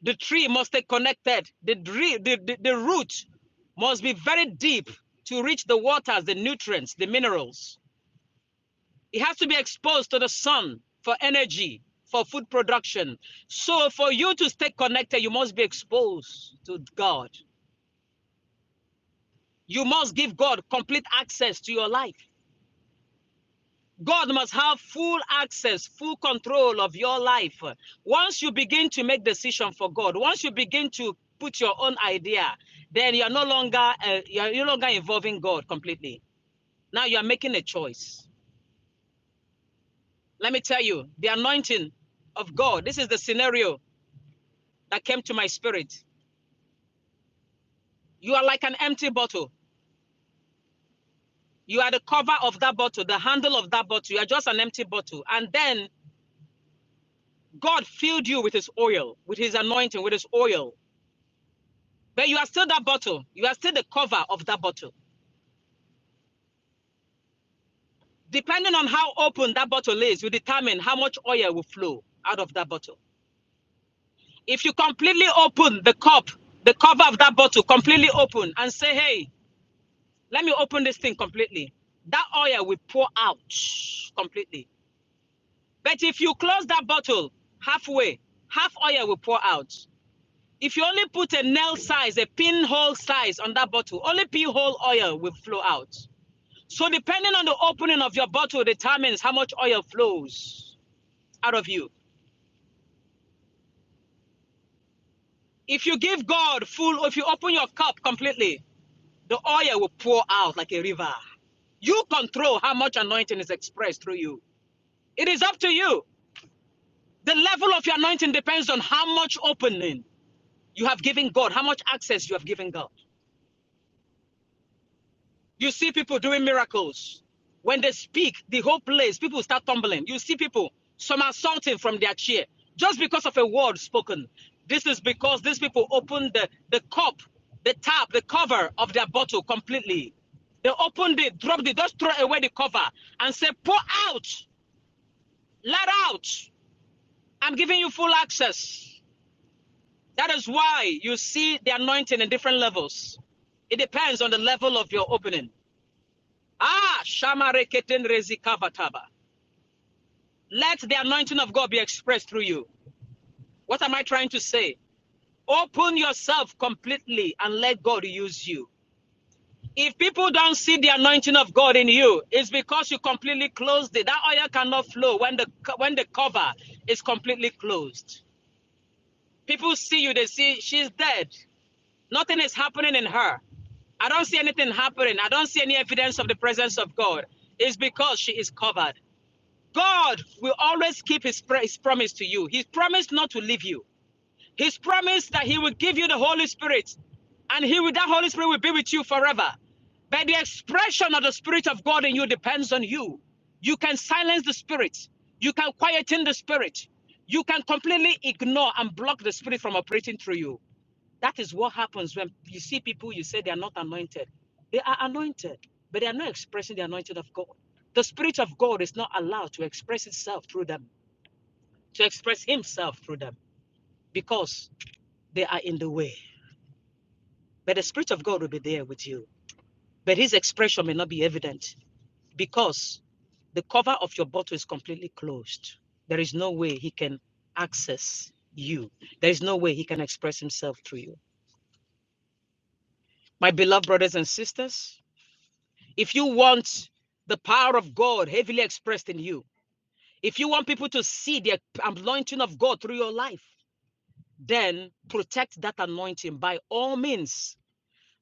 [SPEAKER 5] The tree must stay connected. The, dre- the, the, the root must be very deep to reach the waters, the nutrients, the minerals. It has to be exposed to the sun for energy, for food production. So, for you to stay connected, you must be exposed to God. You must give God complete access to your life. God must have full access, full control of your life. Once you begin to make decision for God, once you begin to put your own idea, then you're no longer uh, you're no longer involving God completely. Now you are making a choice. Let me tell you, the anointing of God. This is the scenario that came to my spirit. You are like an empty bottle. You are the cover of that bottle, the handle of that bottle. You are just an empty bottle. And then God filled you with his oil, with his anointing, with his oil. But you are still that bottle. You are still the cover of that bottle. Depending on how open that bottle is, you determine how much oil will flow out of that bottle. If you completely open the cup, the cover of that bottle completely open and say, hey, let me open this thing completely, that oil will pour out completely. But if you close that bottle halfway, half oil will pour out. If you only put a nail size, a pinhole size on that bottle, only pinhole oil will flow out. So depending on the opening of your bottle determines how much oil flows out of you. If you give God full, if you open your cup completely, the oil will pour out like a river. You control how much anointing is expressed through you. It is up to you. The level of your anointing depends on how much opening you have given God, how much access you have given God. You see people doing miracles. When they speak, the whole place, people start tumbling. You see people somersaulting from their chair just because of a word spoken. This is because these people opened the, the cup, the tap, the cover of their bottle completely. They opened it, dropped it, just throw away the cover and say, pour out, let out. I'm giving you full access. That is why you see the anointing in different levels. It depends on the level of your opening. Ah, Shamareketenrezikavataba. Let the anointing of God be expressed through you. What am I trying to say? Open yourself completely and let God use you. If people don't see the anointing of God in you, it's because you completely closed it. That oil cannot flow when the when the cover is completely closed. People see you, they see she's dead. Nothing is happening in her. I don't see anything happening. I don't see any evidence of the presence of God. It's because she is covered. God will always keep his, his promise to you. His promise not to leave you. His promise that he will give you the Holy Spirit and he will, that Holy Spirit will be with you forever. But the expression of the Spirit of God in you depends on you. You can silence the Spirit. You can quieten the Spirit. You can completely ignore and block the Spirit from operating through you. That is what happens when you see people you say they are not anointed. They are anointed, but they are not expressing the anointing of God. The Spirit of God is not allowed to express itself through them, to express Himself through them, because they are in the way. But the Spirit of God will be there with you. But His expression may not be evident because the cover of your bottle is completely closed. There is no way He can access you, there is no way He can express Himself through you. My beloved brothers and sisters, If you want the power of God heavily expressed in you, if you want people to see the anointing of God through your life, then protect that anointing by all means.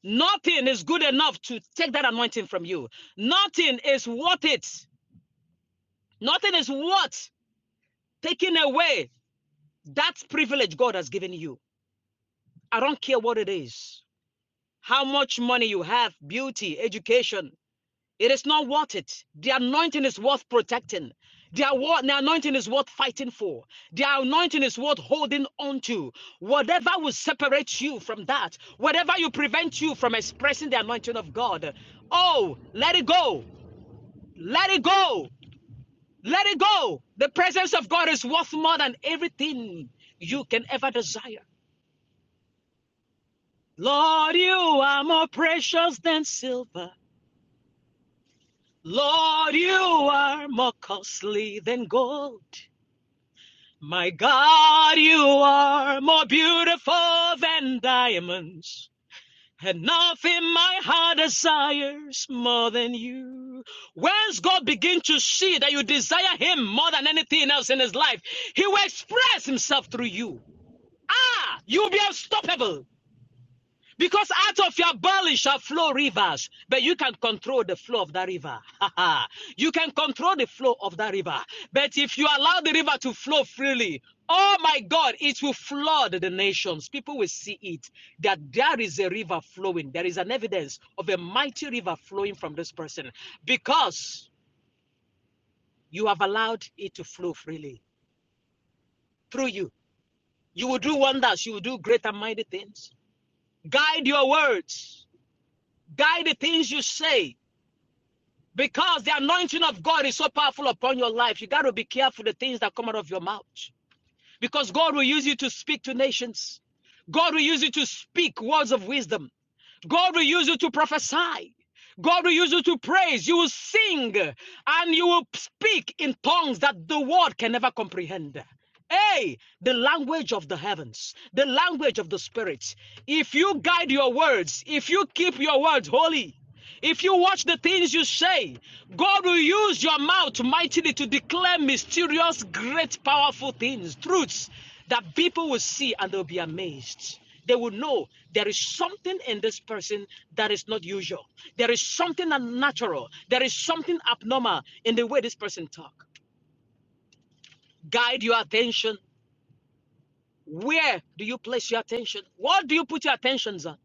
[SPEAKER 5] Nothing is good enough to take that anointing from you. Nothing is worth it. Nothing is worth taking away that privilege God has given you. I don't care what it is, how much money you have, beauty, education, It is not worth it. The anointing is worth protecting. The, anointing is worth fighting for. The anointing is worth holding on to. Whatever will separate you from that, whatever will prevent you from expressing the anointing of God, oh, let it go. Let it go. Let it go. The presence of God is worth more than everything you can ever desire. Lord, you are more precious than silver. Lord, you are more costly than gold. My God, you are more beautiful than diamonds, and nothing my heart desires more than you. Once God begins to see that you desire Him more than anything else in His life, He will express Himself through you. Ah, you'll be unstoppable. Because out of your belly shall flow rivers, but you can control the flow of that river. *laughs* you can control the flow of that river. But if you allow the river to flow freely, oh my God, it will flood the nations. People will see it that there is a river flowing. There is an evidence of a mighty river flowing from this person because you have allowed it to flow freely through you. You will do wonders, you will do great and mighty things. Guide your words, guide the things you say Because the anointing of God is so powerful upon your life, you got to be careful the things that come out of your mouth. Because God will use you to speak to nations. God will use you to speak words of wisdom. God will use you to prophesy. God will use you to praise. You will sing and you will speak in tongues that the world can never comprehend. Hey, the language of the heavens, the language of the spirit. If you guide your words, if you keep your words holy, if you watch the things you say, God will use your mouth mightily to declare mysterious, great, powerful things, truths that people will see and they'll be amazed. They will know there is something in this person that is not usual. There is something unnatural. There is something abnormal in the way this person talk. Guide your attention. Where do you place your attention? What do you put your attentions on?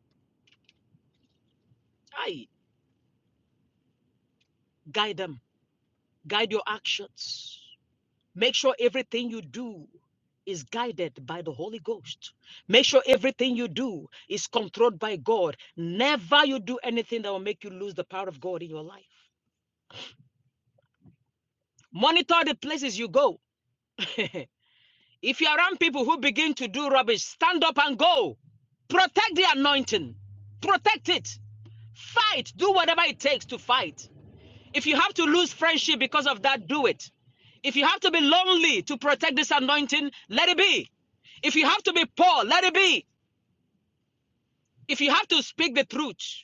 [SPEAKER 5] Aye, guide them. Guide your actions. Make sure everything you do is guided by the Holy Ghost. Make sure everything you do is controlled by God. Never you do anything that will make you lose the power of God in your life. Monitor the places you go. *laughs* if you're around people who begin to do rubbish, stand up and go. Protect the anointing, protect it. Fight, do whatever it takes to fight. If you have to lose friendship because of that, do it. If you have to be lonely to protect this anointing, let it be. If you have to be poor, let it be. If you have to speak the truth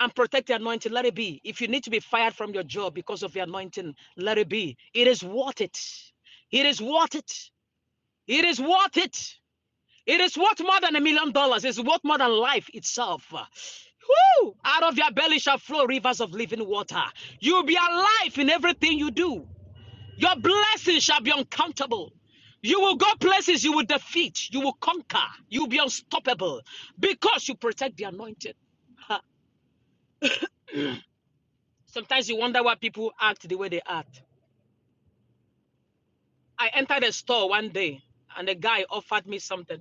[SPEAKER 5] and protect the anointing, let it be. If you need to be fired from your job because of the anointing, let it be. It is worth it. It is worth it. It is worth it. It is worth more than a million dollars. It's worth more than life itself. Woo! Out of your belly shall flow rivers of living water. You'll be alive in everything you do. Your blessings shall be uncountable. You will go places you will defeat. You will conquer. You'll be unstoppable because you protect the anointed. Ha. Sometimes you wonder why people act the way they act. I entered a store one day and a guy offered me something.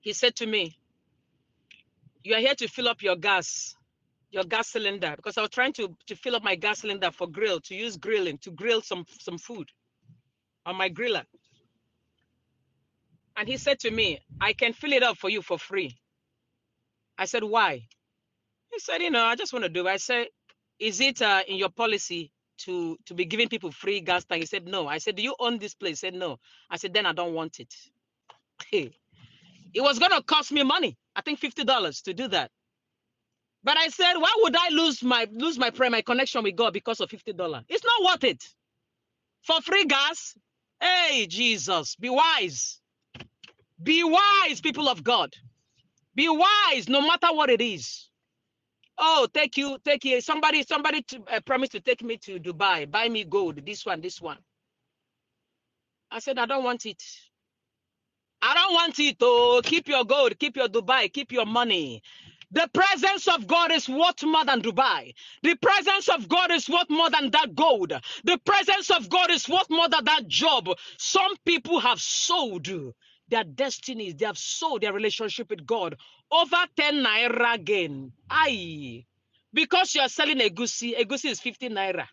[SPEAKER 5] He said to me, You are here to fill up your gas. your gas cylinder because I was trying to to fill up my gas cylinder for grill to use grilling to grill some some food on my griller. And he said to me, "I can fill it up for you for free." I said, "Why?" He said, "You know, I just want to do." It. I said, "Is it uh, in your policy to to be giving people free gas tank?" He said, "No." I said, "Do you own this place?" He said, "No." I said, "Then I don't want it." *laughs* it was gonna cost me money. I think fifty dollars to do that. But I said, why would I lose my lose my prayer, my connection with God because of fifty dollars? It's not worth it. for free gas. Hey, Jesus, be wise. Be wise, people of God. Be wise, no matter what it is. Oh, take you, take you. Somebody, somebody to, uh, promised to take me to Dubai, buy me gold, this one, this one. I said, I don't want it. I don't want it. to keep your gold, keep your Dubai, keep your money. The presence of God is worth more than Dubai. The presence of God is worth more than that gold. The presence of God is worth more than that job. Some people have sold their destinies, they have sold their relationship with God over 10 naira again. Aye. Because you are selling a goosey, a goosey is 15 naira.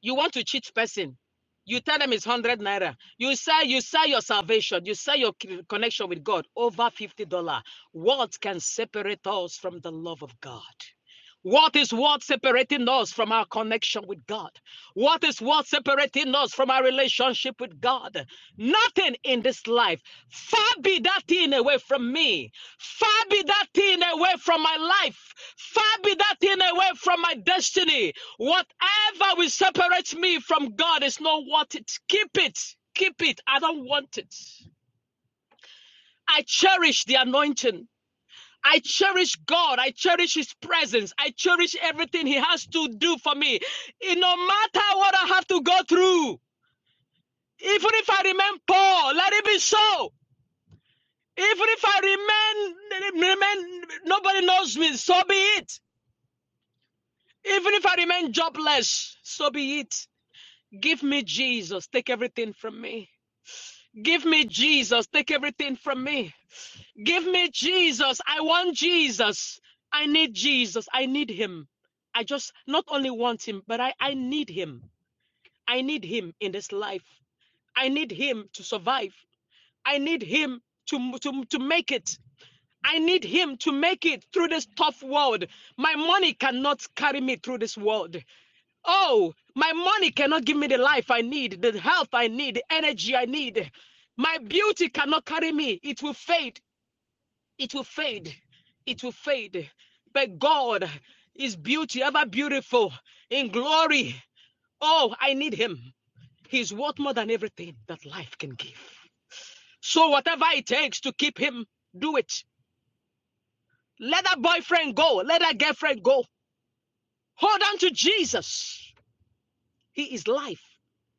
[SPEAKER 5] You want to cheat person. You tell them it's 100 naira. You sell, you sell your salvation. You sell your connection with God over $50. What can separate us from the love of God? What is what separating us from our connection with God? What is what separating us from our relationship with God? Nothing in this life. Far be that thing away from me. Far be that thing away from my life. Far be that thing away from my destiny. Whatever will separate me from God is not worth it. Keep it. Keep it. I don't want it. I cherish the anointing. I cherish God. I cherish His presence. I cherish everything He has to do for me. It, no matter what I have to go through, even if I remain poor, let it be so. Even if I remain, remain nobody knows me, so be it. Even if I remain jobless, so be it. Give me Jesus. Take everything from me. Give me Jesus. Take everything from me. Give me Jesus. I want Jesus. I need Jesus. I need him. I just not only want him, but I, I need him. I need him in this life. I need him to survive. I need him to, to, to make it. I need him to make it through this tough world. My money cannot carry me through this world. Oh, my money cannot give me the life I need, the health I need, the energy I need. My beauty cannot carry me. It will fade. It will fade. It will fade. But God is beauty, ever beautiful, in glory. Oh, I need Him. He's worth more than everything that life can give. So, whatever it takes to keep Him, do it. Let that boyfriend go. Let that girlfriend go. Hold on to Jesus. He is life.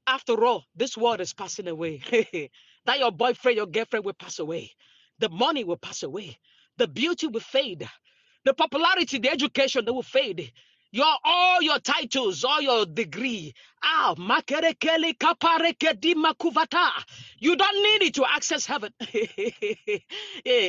[SPEAKER 5] After all, this world is passing away. *laughs* that your boyfriend, your girlfriend will pass away. The money will pass away. The beauty will fade. The popularity, the education, they will fade. Your all your titles, all your degree. Ah, makerekele kaparekedima makuvata. You don't need it to access heaven. *laughs*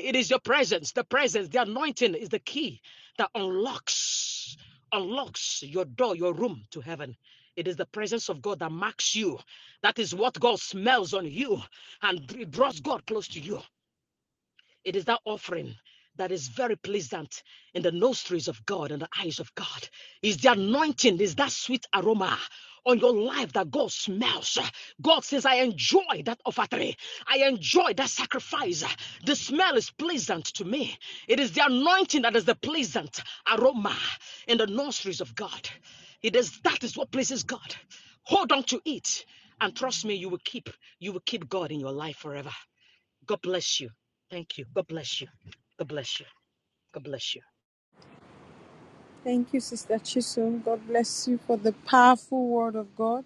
[SPEAKER 5] it is your presence. The presence, the anointing is the key that unlocks, unlocks your door, your room to heaven. It is the presence of God that marks you. That is what God smells on you and it draws God close to you. It is that offering that is very pleasant in the nostrils of God and the eyes of God. Is the anointing, is that sweet aroma on your life that God smells. God says, I enjoy that offering. I enjoy that sacrifice. The smell is pleasant to me. It is the anointing that is the pleasant aroma in the nostrils of God. It is that is what pleases God. Hold on to it. And trust me, you will keep, you will keep God in your life forever. God bless you. Thank you. God bless you. God bless you. God bless you.
[SPEAKER 2] Thank you, Sister Chisum. God bless you for the powerful word of God.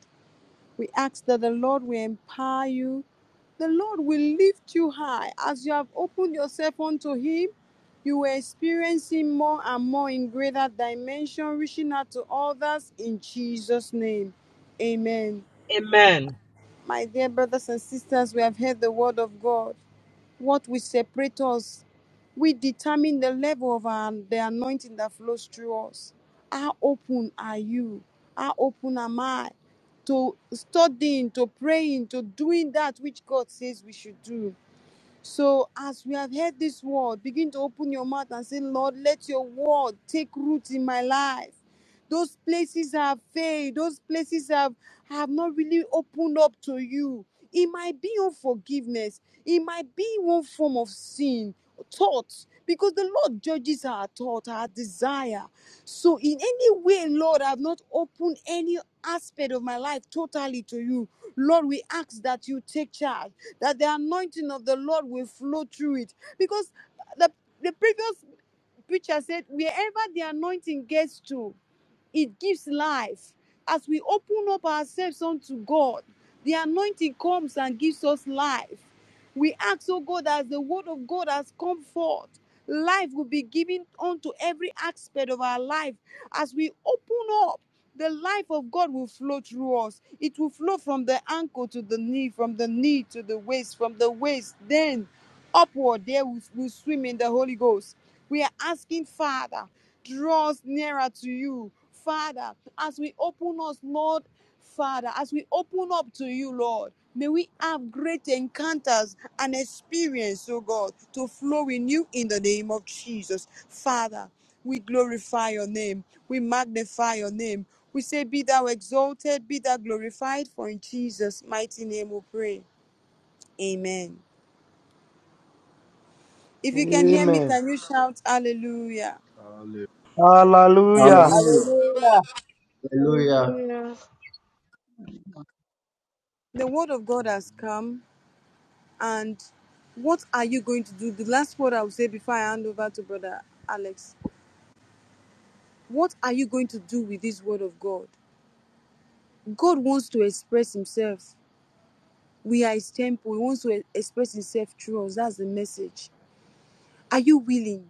[SPEAKER 2] We ask that the Lord will empower you. The Lord will lift you high. As you have opened yourself unto Him, you will experience Him more and more in greater dimension, reaching out to others in Jesus' name. Amen.
[SPEAKER 5] Amen.
[SPEAKER 2] My dear brothers and sisters, we have heard the word of God. What will separate us? We determine the level of our, the anointing that flows through us. How open are you? How open am I to studying, to praying, to doing that which God says we should do? So, as we have heard this word, begin to open your mouth and say, Lord, let your word take root in my life. Those places I have failed, those places I have, I have not really opened up to you. It might be unforgiveness, it might be one form of sin, thought, because the Lord judges our thought, our desire. So, in any way, Lord, I have not opened any aspect of my life totally to you. Lord, we ask that you take charge that the anointing of the Lord will flow through it. Because the, the previous preacher said, wherever the anointing gets to, it gives life. As we open up ourselves unto God, the anointing comes and gives us life. We ask, oh God, as the word of God has come forth, life will be given unto every aspect of our life. As we open up, the life of God will flow through us. It will flow from the ankle to the knee, from the knee to the waist, from the waist, then upward, there we will swim in the Holy Ghost. We are asking, Father, draw us nearer to you. Father, as we open us, Lord, Father, as we open up to you, Lord, may we have great encounters and experience, oh God, to flow in you in the name of Jesus. Father, we glorify your name. We magnify your name. We say, Be thou exalted, be thou glorified, for in Jesus' mighty name we pray. Amen. If you can hear me, can you shout hallelujah?
[SPEAKER 9] Hallelujah.
[SPEAKER 4] Hallelujah.
[SPEAKER 7] Hallelujah.
[SPEAKER 6] Hallelujah.
[SPEAKER 10] Hallelujah.
[SPEAKER 11] Hallelujah.
[SPEAKER 2] The word of God has
[SPEAKER 12] Hallelujah.
[SPEAKER 2] come, and what are you going to do? The last word I will say before I hand over to Brother Alex What are you going to do with this word of God? God wants to express himself. We are his temple. He wants to e- express himself through us. That's the message. Are you willing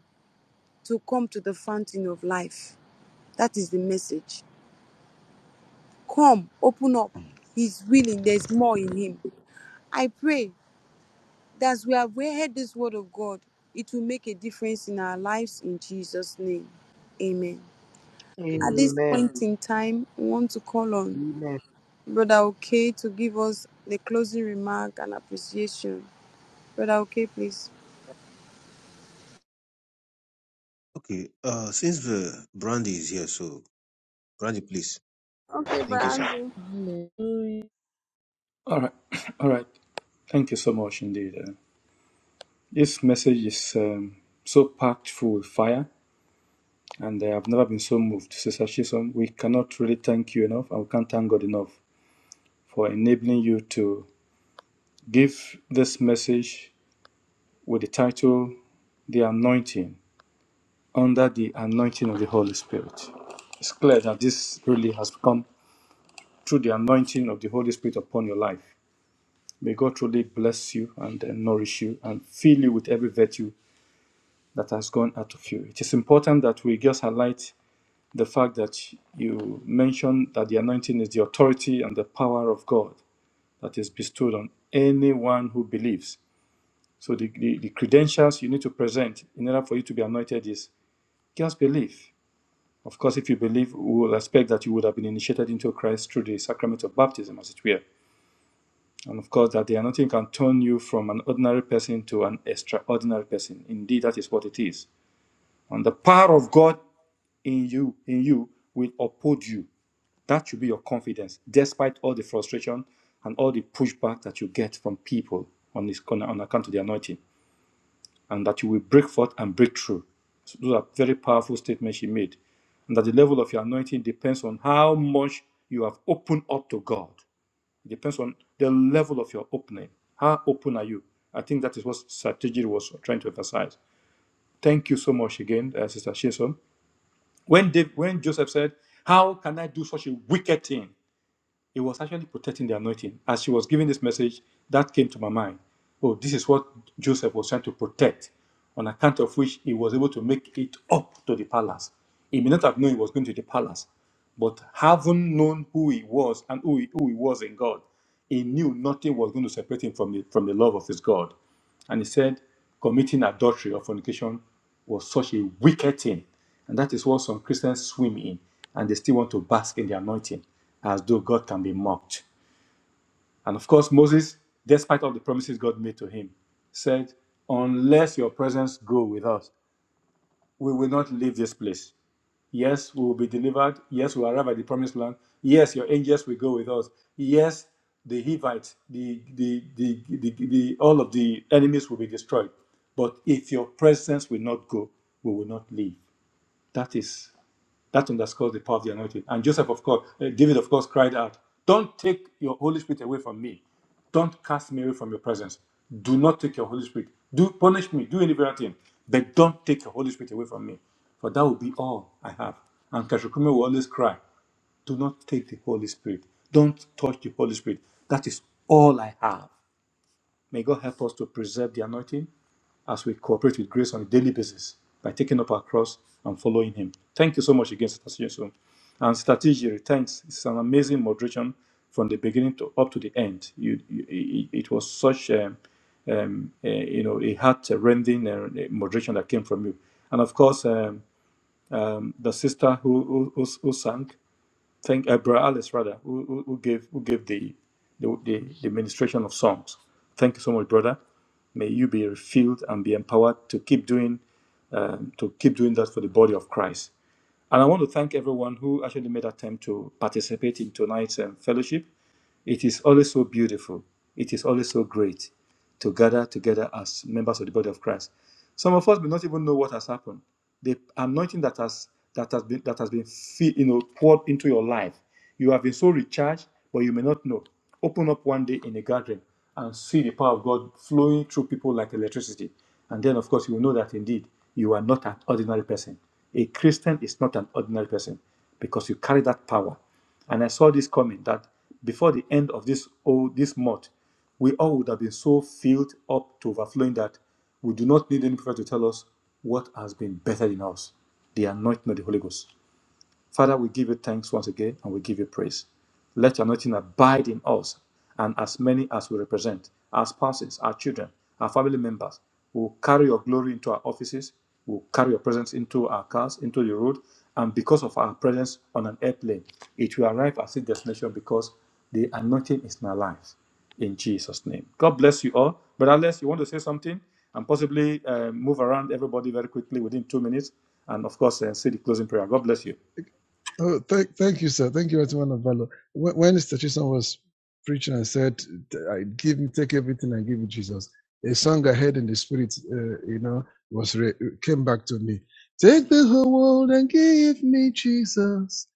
[SPEAKER 2] to come to the fountain of life? That is the message. Come, open up. He's willing. There's more in him. I pray that as we have heard this word of God, it will make a difference in our lives in Jesus' name. Amen. At this
[SPEAKER 4] Amen.
[SPEAKER 2] point in time, we want to call on
[SPEAKER 4] Amen.
[SPEAKER 2] Brother Okay to give us the closing remark and appreciation. Brother Okay, please.
[SPEAKER 9] Okay, uh, since the Brandy is here, so Brandy, please.
[SPEAKER 2] Okay,
[SPEAKER 9] Thank you,
[SPEAKER 2] Brother
[SPEAKER 9] sir,
[SPEAKER 2] Andrew.
[SPEAKER 13] Hallelujah.
[SPEAKER 7] All right. *clears throat* All right. Thank you so much indeed. Uh, this message is um, so packed full with fire, and uh, I've never been so moved. Sister Shison, we cannot really thank you enough, and we can't thank God enough for enabling you to give this message with the title The Anointing, under the anointing of the Holy Spirit. It's clear that this really has come through the anointing of the Holy Spirit upon your life. May God truly bless you and uh, nourish you and fill you with every virtue that has gone out of you. It is important that we just highlight the fact that you mentioned that the anointing is the authority and the power of God that is bestowed on anyone who believes. So the, the, the credentials you need to present in order for you to be anointed is just belief. Of course, if you believe, we will expect that you would have been initiated into Christ through the sacrament of baptism, as it were. And of course, that the anointing can turn you from an ordinary person to an extraordinary person. Indeed, that is what it is. And the power of God in you, in you, will uphold you. That should be your confidence, despite all the frustration and all the pushback that you get from people on this on, on account of the anointing, and that you will break forth and break through. So those are very powerful statements she made. And that the level of your anointing depends on how much you have opened up to God. It depends on the level of your opening. How open are you? I think that is what strategy was trying to emphasize. Thank you so much again, uh, Sister Shinson. When Dave, when Joseph said, "How can I do such a wicked thing?" it was actually protecting the anointing. As she was giving this message, that came to my mind. Oh, this is what Joseph was trying to protect, on account of which he was able to make it up to the palace. He may not have known he was going to the palace, but having known who he was and who he, who he was in God, he knew nothing was going to separate him from the, from the love of his God. And he said, committing adultery or fornication was such a wicked thing. And that is what some Christians swim in, and they still want to bask in the anointing, as though God can be mocked. And of course, Moses, despite all the promises God made to him, said, Unless your presence go with us, we will not leave this place. Yes, we will be delivered. Yes, we will arrive at the promised land. Yes, your angels will go with us. Yes, the Hivites, the, the, the, the, the- the, all of the enemies will be destroyed. But if your presence will not go, we will not leave. That is that underscores the power of the anointing. And Joseph, of course, uh, David, of course, cried out, Don't take your Holy Spirit away from me. Don't cast me away from your presence. Do not take your Holy Spirit. Do punish me. Do any bad thing. But don't take your Holy Spirit away from me. For that will be all I have. And Kashukume will always cry, Do not take the Holy Spirit. Don't touch the Holy Spirit. That is all I have. May God help us to preserve the anointing as we cooperate with grace on a daily basis by taking up our cross and following Him. Thank you so much again, Sister Jensen. And Sister Tijiri, thanks. It's an amazing moderation from the beginning to up to the end. You, you, it, was such um, um, uh, you know a heart-rending uh, moderation that came from you. And of course, um, um, the sister who, who, who sang. Thank uh, Brother Alice, rather, who, who, who gave who gave the the, the the ministration of songs. Thank you so much, brother. May you be refilled and be empowered to keep doing um, to keep doing that for the body of Christ. And I want to thank everyone who actually made attempt to participate in tonight's um, fellowship. It is always so beautiful. It is always so great to gather together as members of the body of Christ. Some of us may not even know what has happened. The anointing that has that has been that has been you know poured into your life. You have been so recharged, but you may not know. Open up one day in a gathering and see the power of God flowing through people like electricity. And then, of course, you will know that indeed you are not an ordinary person. A Christian is not an ordinary person because you carry that power. And I saw this coming that before the end of this oh, this month, we all would have been so filled up to overflowing that we do not need any prophet to tell us what has been better in us the anointing of the Holy Ghost. Father, we give you thanks once again and we give you praise. Let your anointing abide in us, and as many as we represent, our spouses, our children, our family members, will carry your glory into our offices, will carry your presence into our cars, into the road, and because of our presence on an airplane, it will arrive at its destination because the anointing is in our lives. In Jesus' name. God bless you all. But unless you want to say something and possibly uh, move around everybody very quickly within two minutes, and of course, uh, say the closing prayer. God bless you.
[SPEAKER 1] Oh, thank, thank you, sir. Thank you, Atman of Valor. When, when Mr. Chisholm was preaching and said, I give you, take everything and give you Jesus, a song I heard in the spirit, uh, you know, was re- came back to me. Take the whole world and give me Jesus.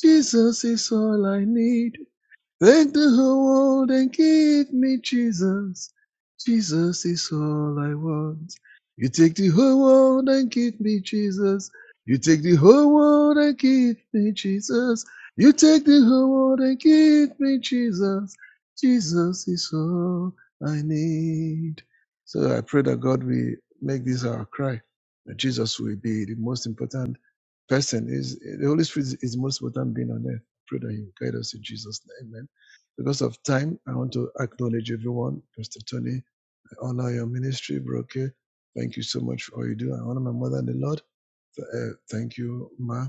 [SPEAKER 1] Jesus is all I need. Thank the whole world and give me Jesus. Jesus is all I want. You take the whole world and give me Jesus. You take the whole world and give me Jesus. You take the whole world and give me Jesus. Jesus is all I need. So I pray that God will make this our cry. That Jesus will be the most important person. Is the Holy Spirit is the most important being on earth. I pray that He will guide us in Jesus' name. Amen. Because of time, I want to acknowledge everyone. Pastor Tony, I honor your ministry, Broke. Thank you so much for all you do. I honor my mother and the Lord. uh, thank you, Ma,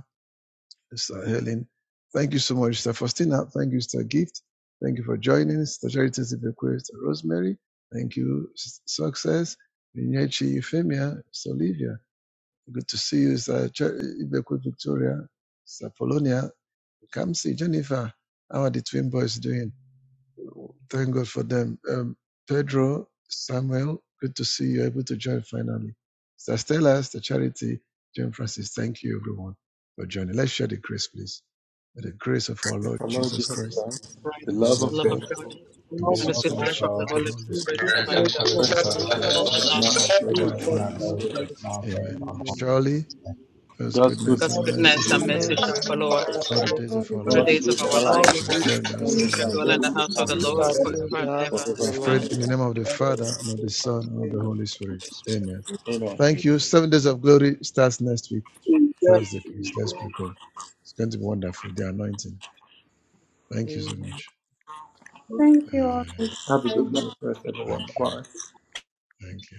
[SPEAKER 1] Sister Helen. Thank you so much, Sister Faustina. Thank you, Sister Gift. Thank you for joining, Sister Charity Bequest, Sister Rosemary. Thank you, Sister Success, Inyechi Euphemia, Sister Olivia. Good to see you, Sister Char- Ibequest Victoria, Sister Polonia. Come see Jennifer. How are the twin boys doing? Thank God for them. Um, Pedro, Samuel, good to see you able to join finally. Sister Stella, Sister Charity, Jane Francis, thank you everyone for joining. Let's share the grace, please. May the grace of our Lord
[SPEAKER 7] Our Lord
[SPEAKER 1] Jesus
[SPEAKER 7] Jesus
[SPEAKER 1] Christ,
[SPEAKER 7] Christ,
[SPEAKER 12] Father,
[SPEAKER 5] Right.
[SPEAKER 7] the
[SPEAKER 1] the love
[SPEAKER 7] love
[SPEAKER 5] The
[SPEAKER 7] of
[SPEAKER 1] of
[SPEAKER 10] Yes,
[SPEAKER 5] love of
[SPEAKER 7] God,
[SPEAKER 1] God,
[SPEAKER 12] Lord
[SPEAKER 5] God
[SPEAKER 12] God,
[SPEAKER 1] and
[SPEAKER 10] the
[SPEAKER 1] the
[SPEAKER 7] the
[SPEAKER 4] Lord
[SPEAKER 5] and
[SPEAKER 12] we
[SPEAKER 5] the
[SPEAKER 7] sweet
[SPEAKER 1] sweet
[SPEAKER 10] love of
[SPEAKER 7] fellowship
[SPEAKER 5] sweet
[SPEAKER 12] just thank
[SPEAKER 4] God,
[SPEAKER 5] fellowship
[SPEAKER 1] fellowship
[SPEAKER 5] of
[SPEAKER 1] of
[SPEAKER 5] the
[SPEAKER 10] God
[SPEAKER 7] of
[SPEAKER 1] the
[SPEAKER 7] the Holy
[SPEAKER 5] Holy
[SPEAKER 1] Holy
[SPEAKER 4] we thank
[SPEAKER 7] Spirit,
[SPEAKER 5] Spirit
[SPEAKER 1] Spirit
[SPEAKER 4] you
[SPEAKER 10] the
[SPEAKER 5] abide
[SPEAKER 4] for
[SPEAKER 10] sweet
[SPEAKER 4] the
[SPEAKER 5] with us
[SPEAKER 7] rest
[SPEAKER 10] fellowship
[SPEAKER 1] rest
[SPEAKER 10] of
[SPEAKER 1] and
[SPEAKER 7] and
[SPEAKER 4] Holy
[SPEAKER 7] abide
[SPEAKER 10] the
[SPEAKER 1] abide
[SPEAKER 12] just
[SPEAKER 1] with
[SPEAKER 4] Spirit.
[SPEAKER 7] with
[SPEAKER 12] now.
[SPEAKER 7] us
[SPEAKER 1] us
[SPEAKER 10] Holy
[SPEAKER 7] now
[SPEAKER 5] forevermore.
[SPEAKER 7] and
[SPEAKER 10] Spirit,
[SPEAKER 8] Fellowship
[SPEAKER 4] We
[SPEAKER 1] now
[SPEAKER 8] of
[SPEAKER 4] thank you
[SPEAKER 10] rest
[SPEAKER 8] the
[SPEAKER 4] for
[SPEAKER 10] and
[SPEAKER 7] forevermore.
[SPEAKER 10] abide
[SPEAKER 8] Holy
[SPEAKER 4] the Holy
[SPEAKER 1] forevermore.
[SPEAKER 10] with
[SPEAKER 8] Spirit.
[SPEAKER 10] us
[SPEAKER 4] Spirit.
[SPEAKER 12] Let's
[SPEAKER 10] now
[SPEAKER 1] Amen.
[SPEAKER 10] and
[SPEAKER 12] give
[SPEAKER 4] Amen.
[SPEAKER 1] Surely,
[SPEAKER 12] for us.
[SPEAKER 1] God's
[SPEAKER 7] God's
[SPEAKER 12] What
[SPEAKER 1] goodness
[SPEAKER 5] God's
[SPEAKER 1] and
[SPEAKER 7] goodness
[SPEAKER 1] mercy
[SPEAKER 7] is
[SPEAKER 5] goodness
[SPEAKER 1] shall
[SPEAKER 5] and
[SPEAKER 7] not
[SPEAKER 1] follow
[SPEAKER 5] mercy
[SPEAKER 4] Goodness,
[SPEAKER 1] us
[SPEAKER 5] shall
[SPEAKER 12] We
[SPEAKER 5] follow
[SPEAKER 12] shall
[SPEAKER 7] forever.
[SPEAKER 12] do
[SPEAKER 5] us
[SPEAKER 1] all the
[SPEAKER 12] this
[SPEAKER 1] days of our
[SPEAKER 5] all the
[SPEAKER 7] All the
[SPEAKER 1] lives.
[SPEAKER 5] days
[SPEAKER 9] for
[SPEAKER 5] of
[SPEAKER 7] days
[SPEAKER 9] all
[SPEAKER 7] of
[SPEAKER 5] our
[SPEAKER 9] the
[SPEAKER 7] our
[SPEAKER 8] But
[SPEAKER 4] all
[SPEAKER 1] We
[SPEAKER 9] days of
[SPEAKER 5] lives.
[SPEAKER 7] life.
[SPEAKER 1] shall
[SPEAKER 9] your
[SPEAKER 1] dwell in
[SPEAKER 9] life.
[SPEAKER 1] the
[SPEAKER 4] the
[SPEAKER 1] house
[SPEAKER 5] We
[SPEAKER 1] of
[SPEAKER 7] Let
[SPEAKER 1] the
[SPEAKER 5] shall
[SPEAKER 7] us
[SPEAKER 1] Lord
[SPEAKER 5] dwell
[SPEAKER 7] dwell in
[SPEAKER 5] in the
[SPEAKER 7] the
[SPEAKER 5] house of
[SPEAKER 7] house
[SPEAKER 5] the
[SPEAKER 7] of
[SPEAKER 1] forever
[SPEAKER 5] Lord
[SPEAKER 7] the
[SPEAKER 1] and ever.
[SPEAKER 5] forever and
[SPEAKER 4] Hallelujah
[SPEAKER 7] Lord
[SPEAKER 5] ever.
[SPEAKER 4] to the
[SPEAKER 1] We've
[SPEAKER 7] forever
[SPEAKER 4] Lord.
[SPEAKER 5] Amen.
[SPEAKER 1] prayed
[SPEAKER 7] and
[SPEAKER 1] in the name of the Father and
[SPEAKER 7] ever.
[SPEAKER 1] of the Son and of the
[SPEAKER 4] Hallelujah.
[SPEAKER 1] Holy Spirit.
[SPEAKER 5] Holy Spirit.
[SPEAKER 1] Amen.
[SPEAKER 7] Amen. Amen.
[SPEAKER 1] Thank you.
[SPEAKER 9] Amen.
[SPEAKER 1] Seven days of glory starts next week,
[SPEAKER 8] in depth,
[SPEAKER 1] Thursday, please. Let's prepare. It's going to be wonderful. The anointing. Thank you so
[SPEAKER 4] Amen.
[SPEAKER 1] much.
[SPEAKER 2] Thank you
[SPEAKER 1] Uh,
[SPEAKER 2] all.
[SPEAKER 7] Have a good night, first
[SPEAKER 1] thank
[SPEAKER 7] everyone.
[SPEAKER 1] you.
[SPEAKER 7] Bye.
[SPEAKER 1] Thank you.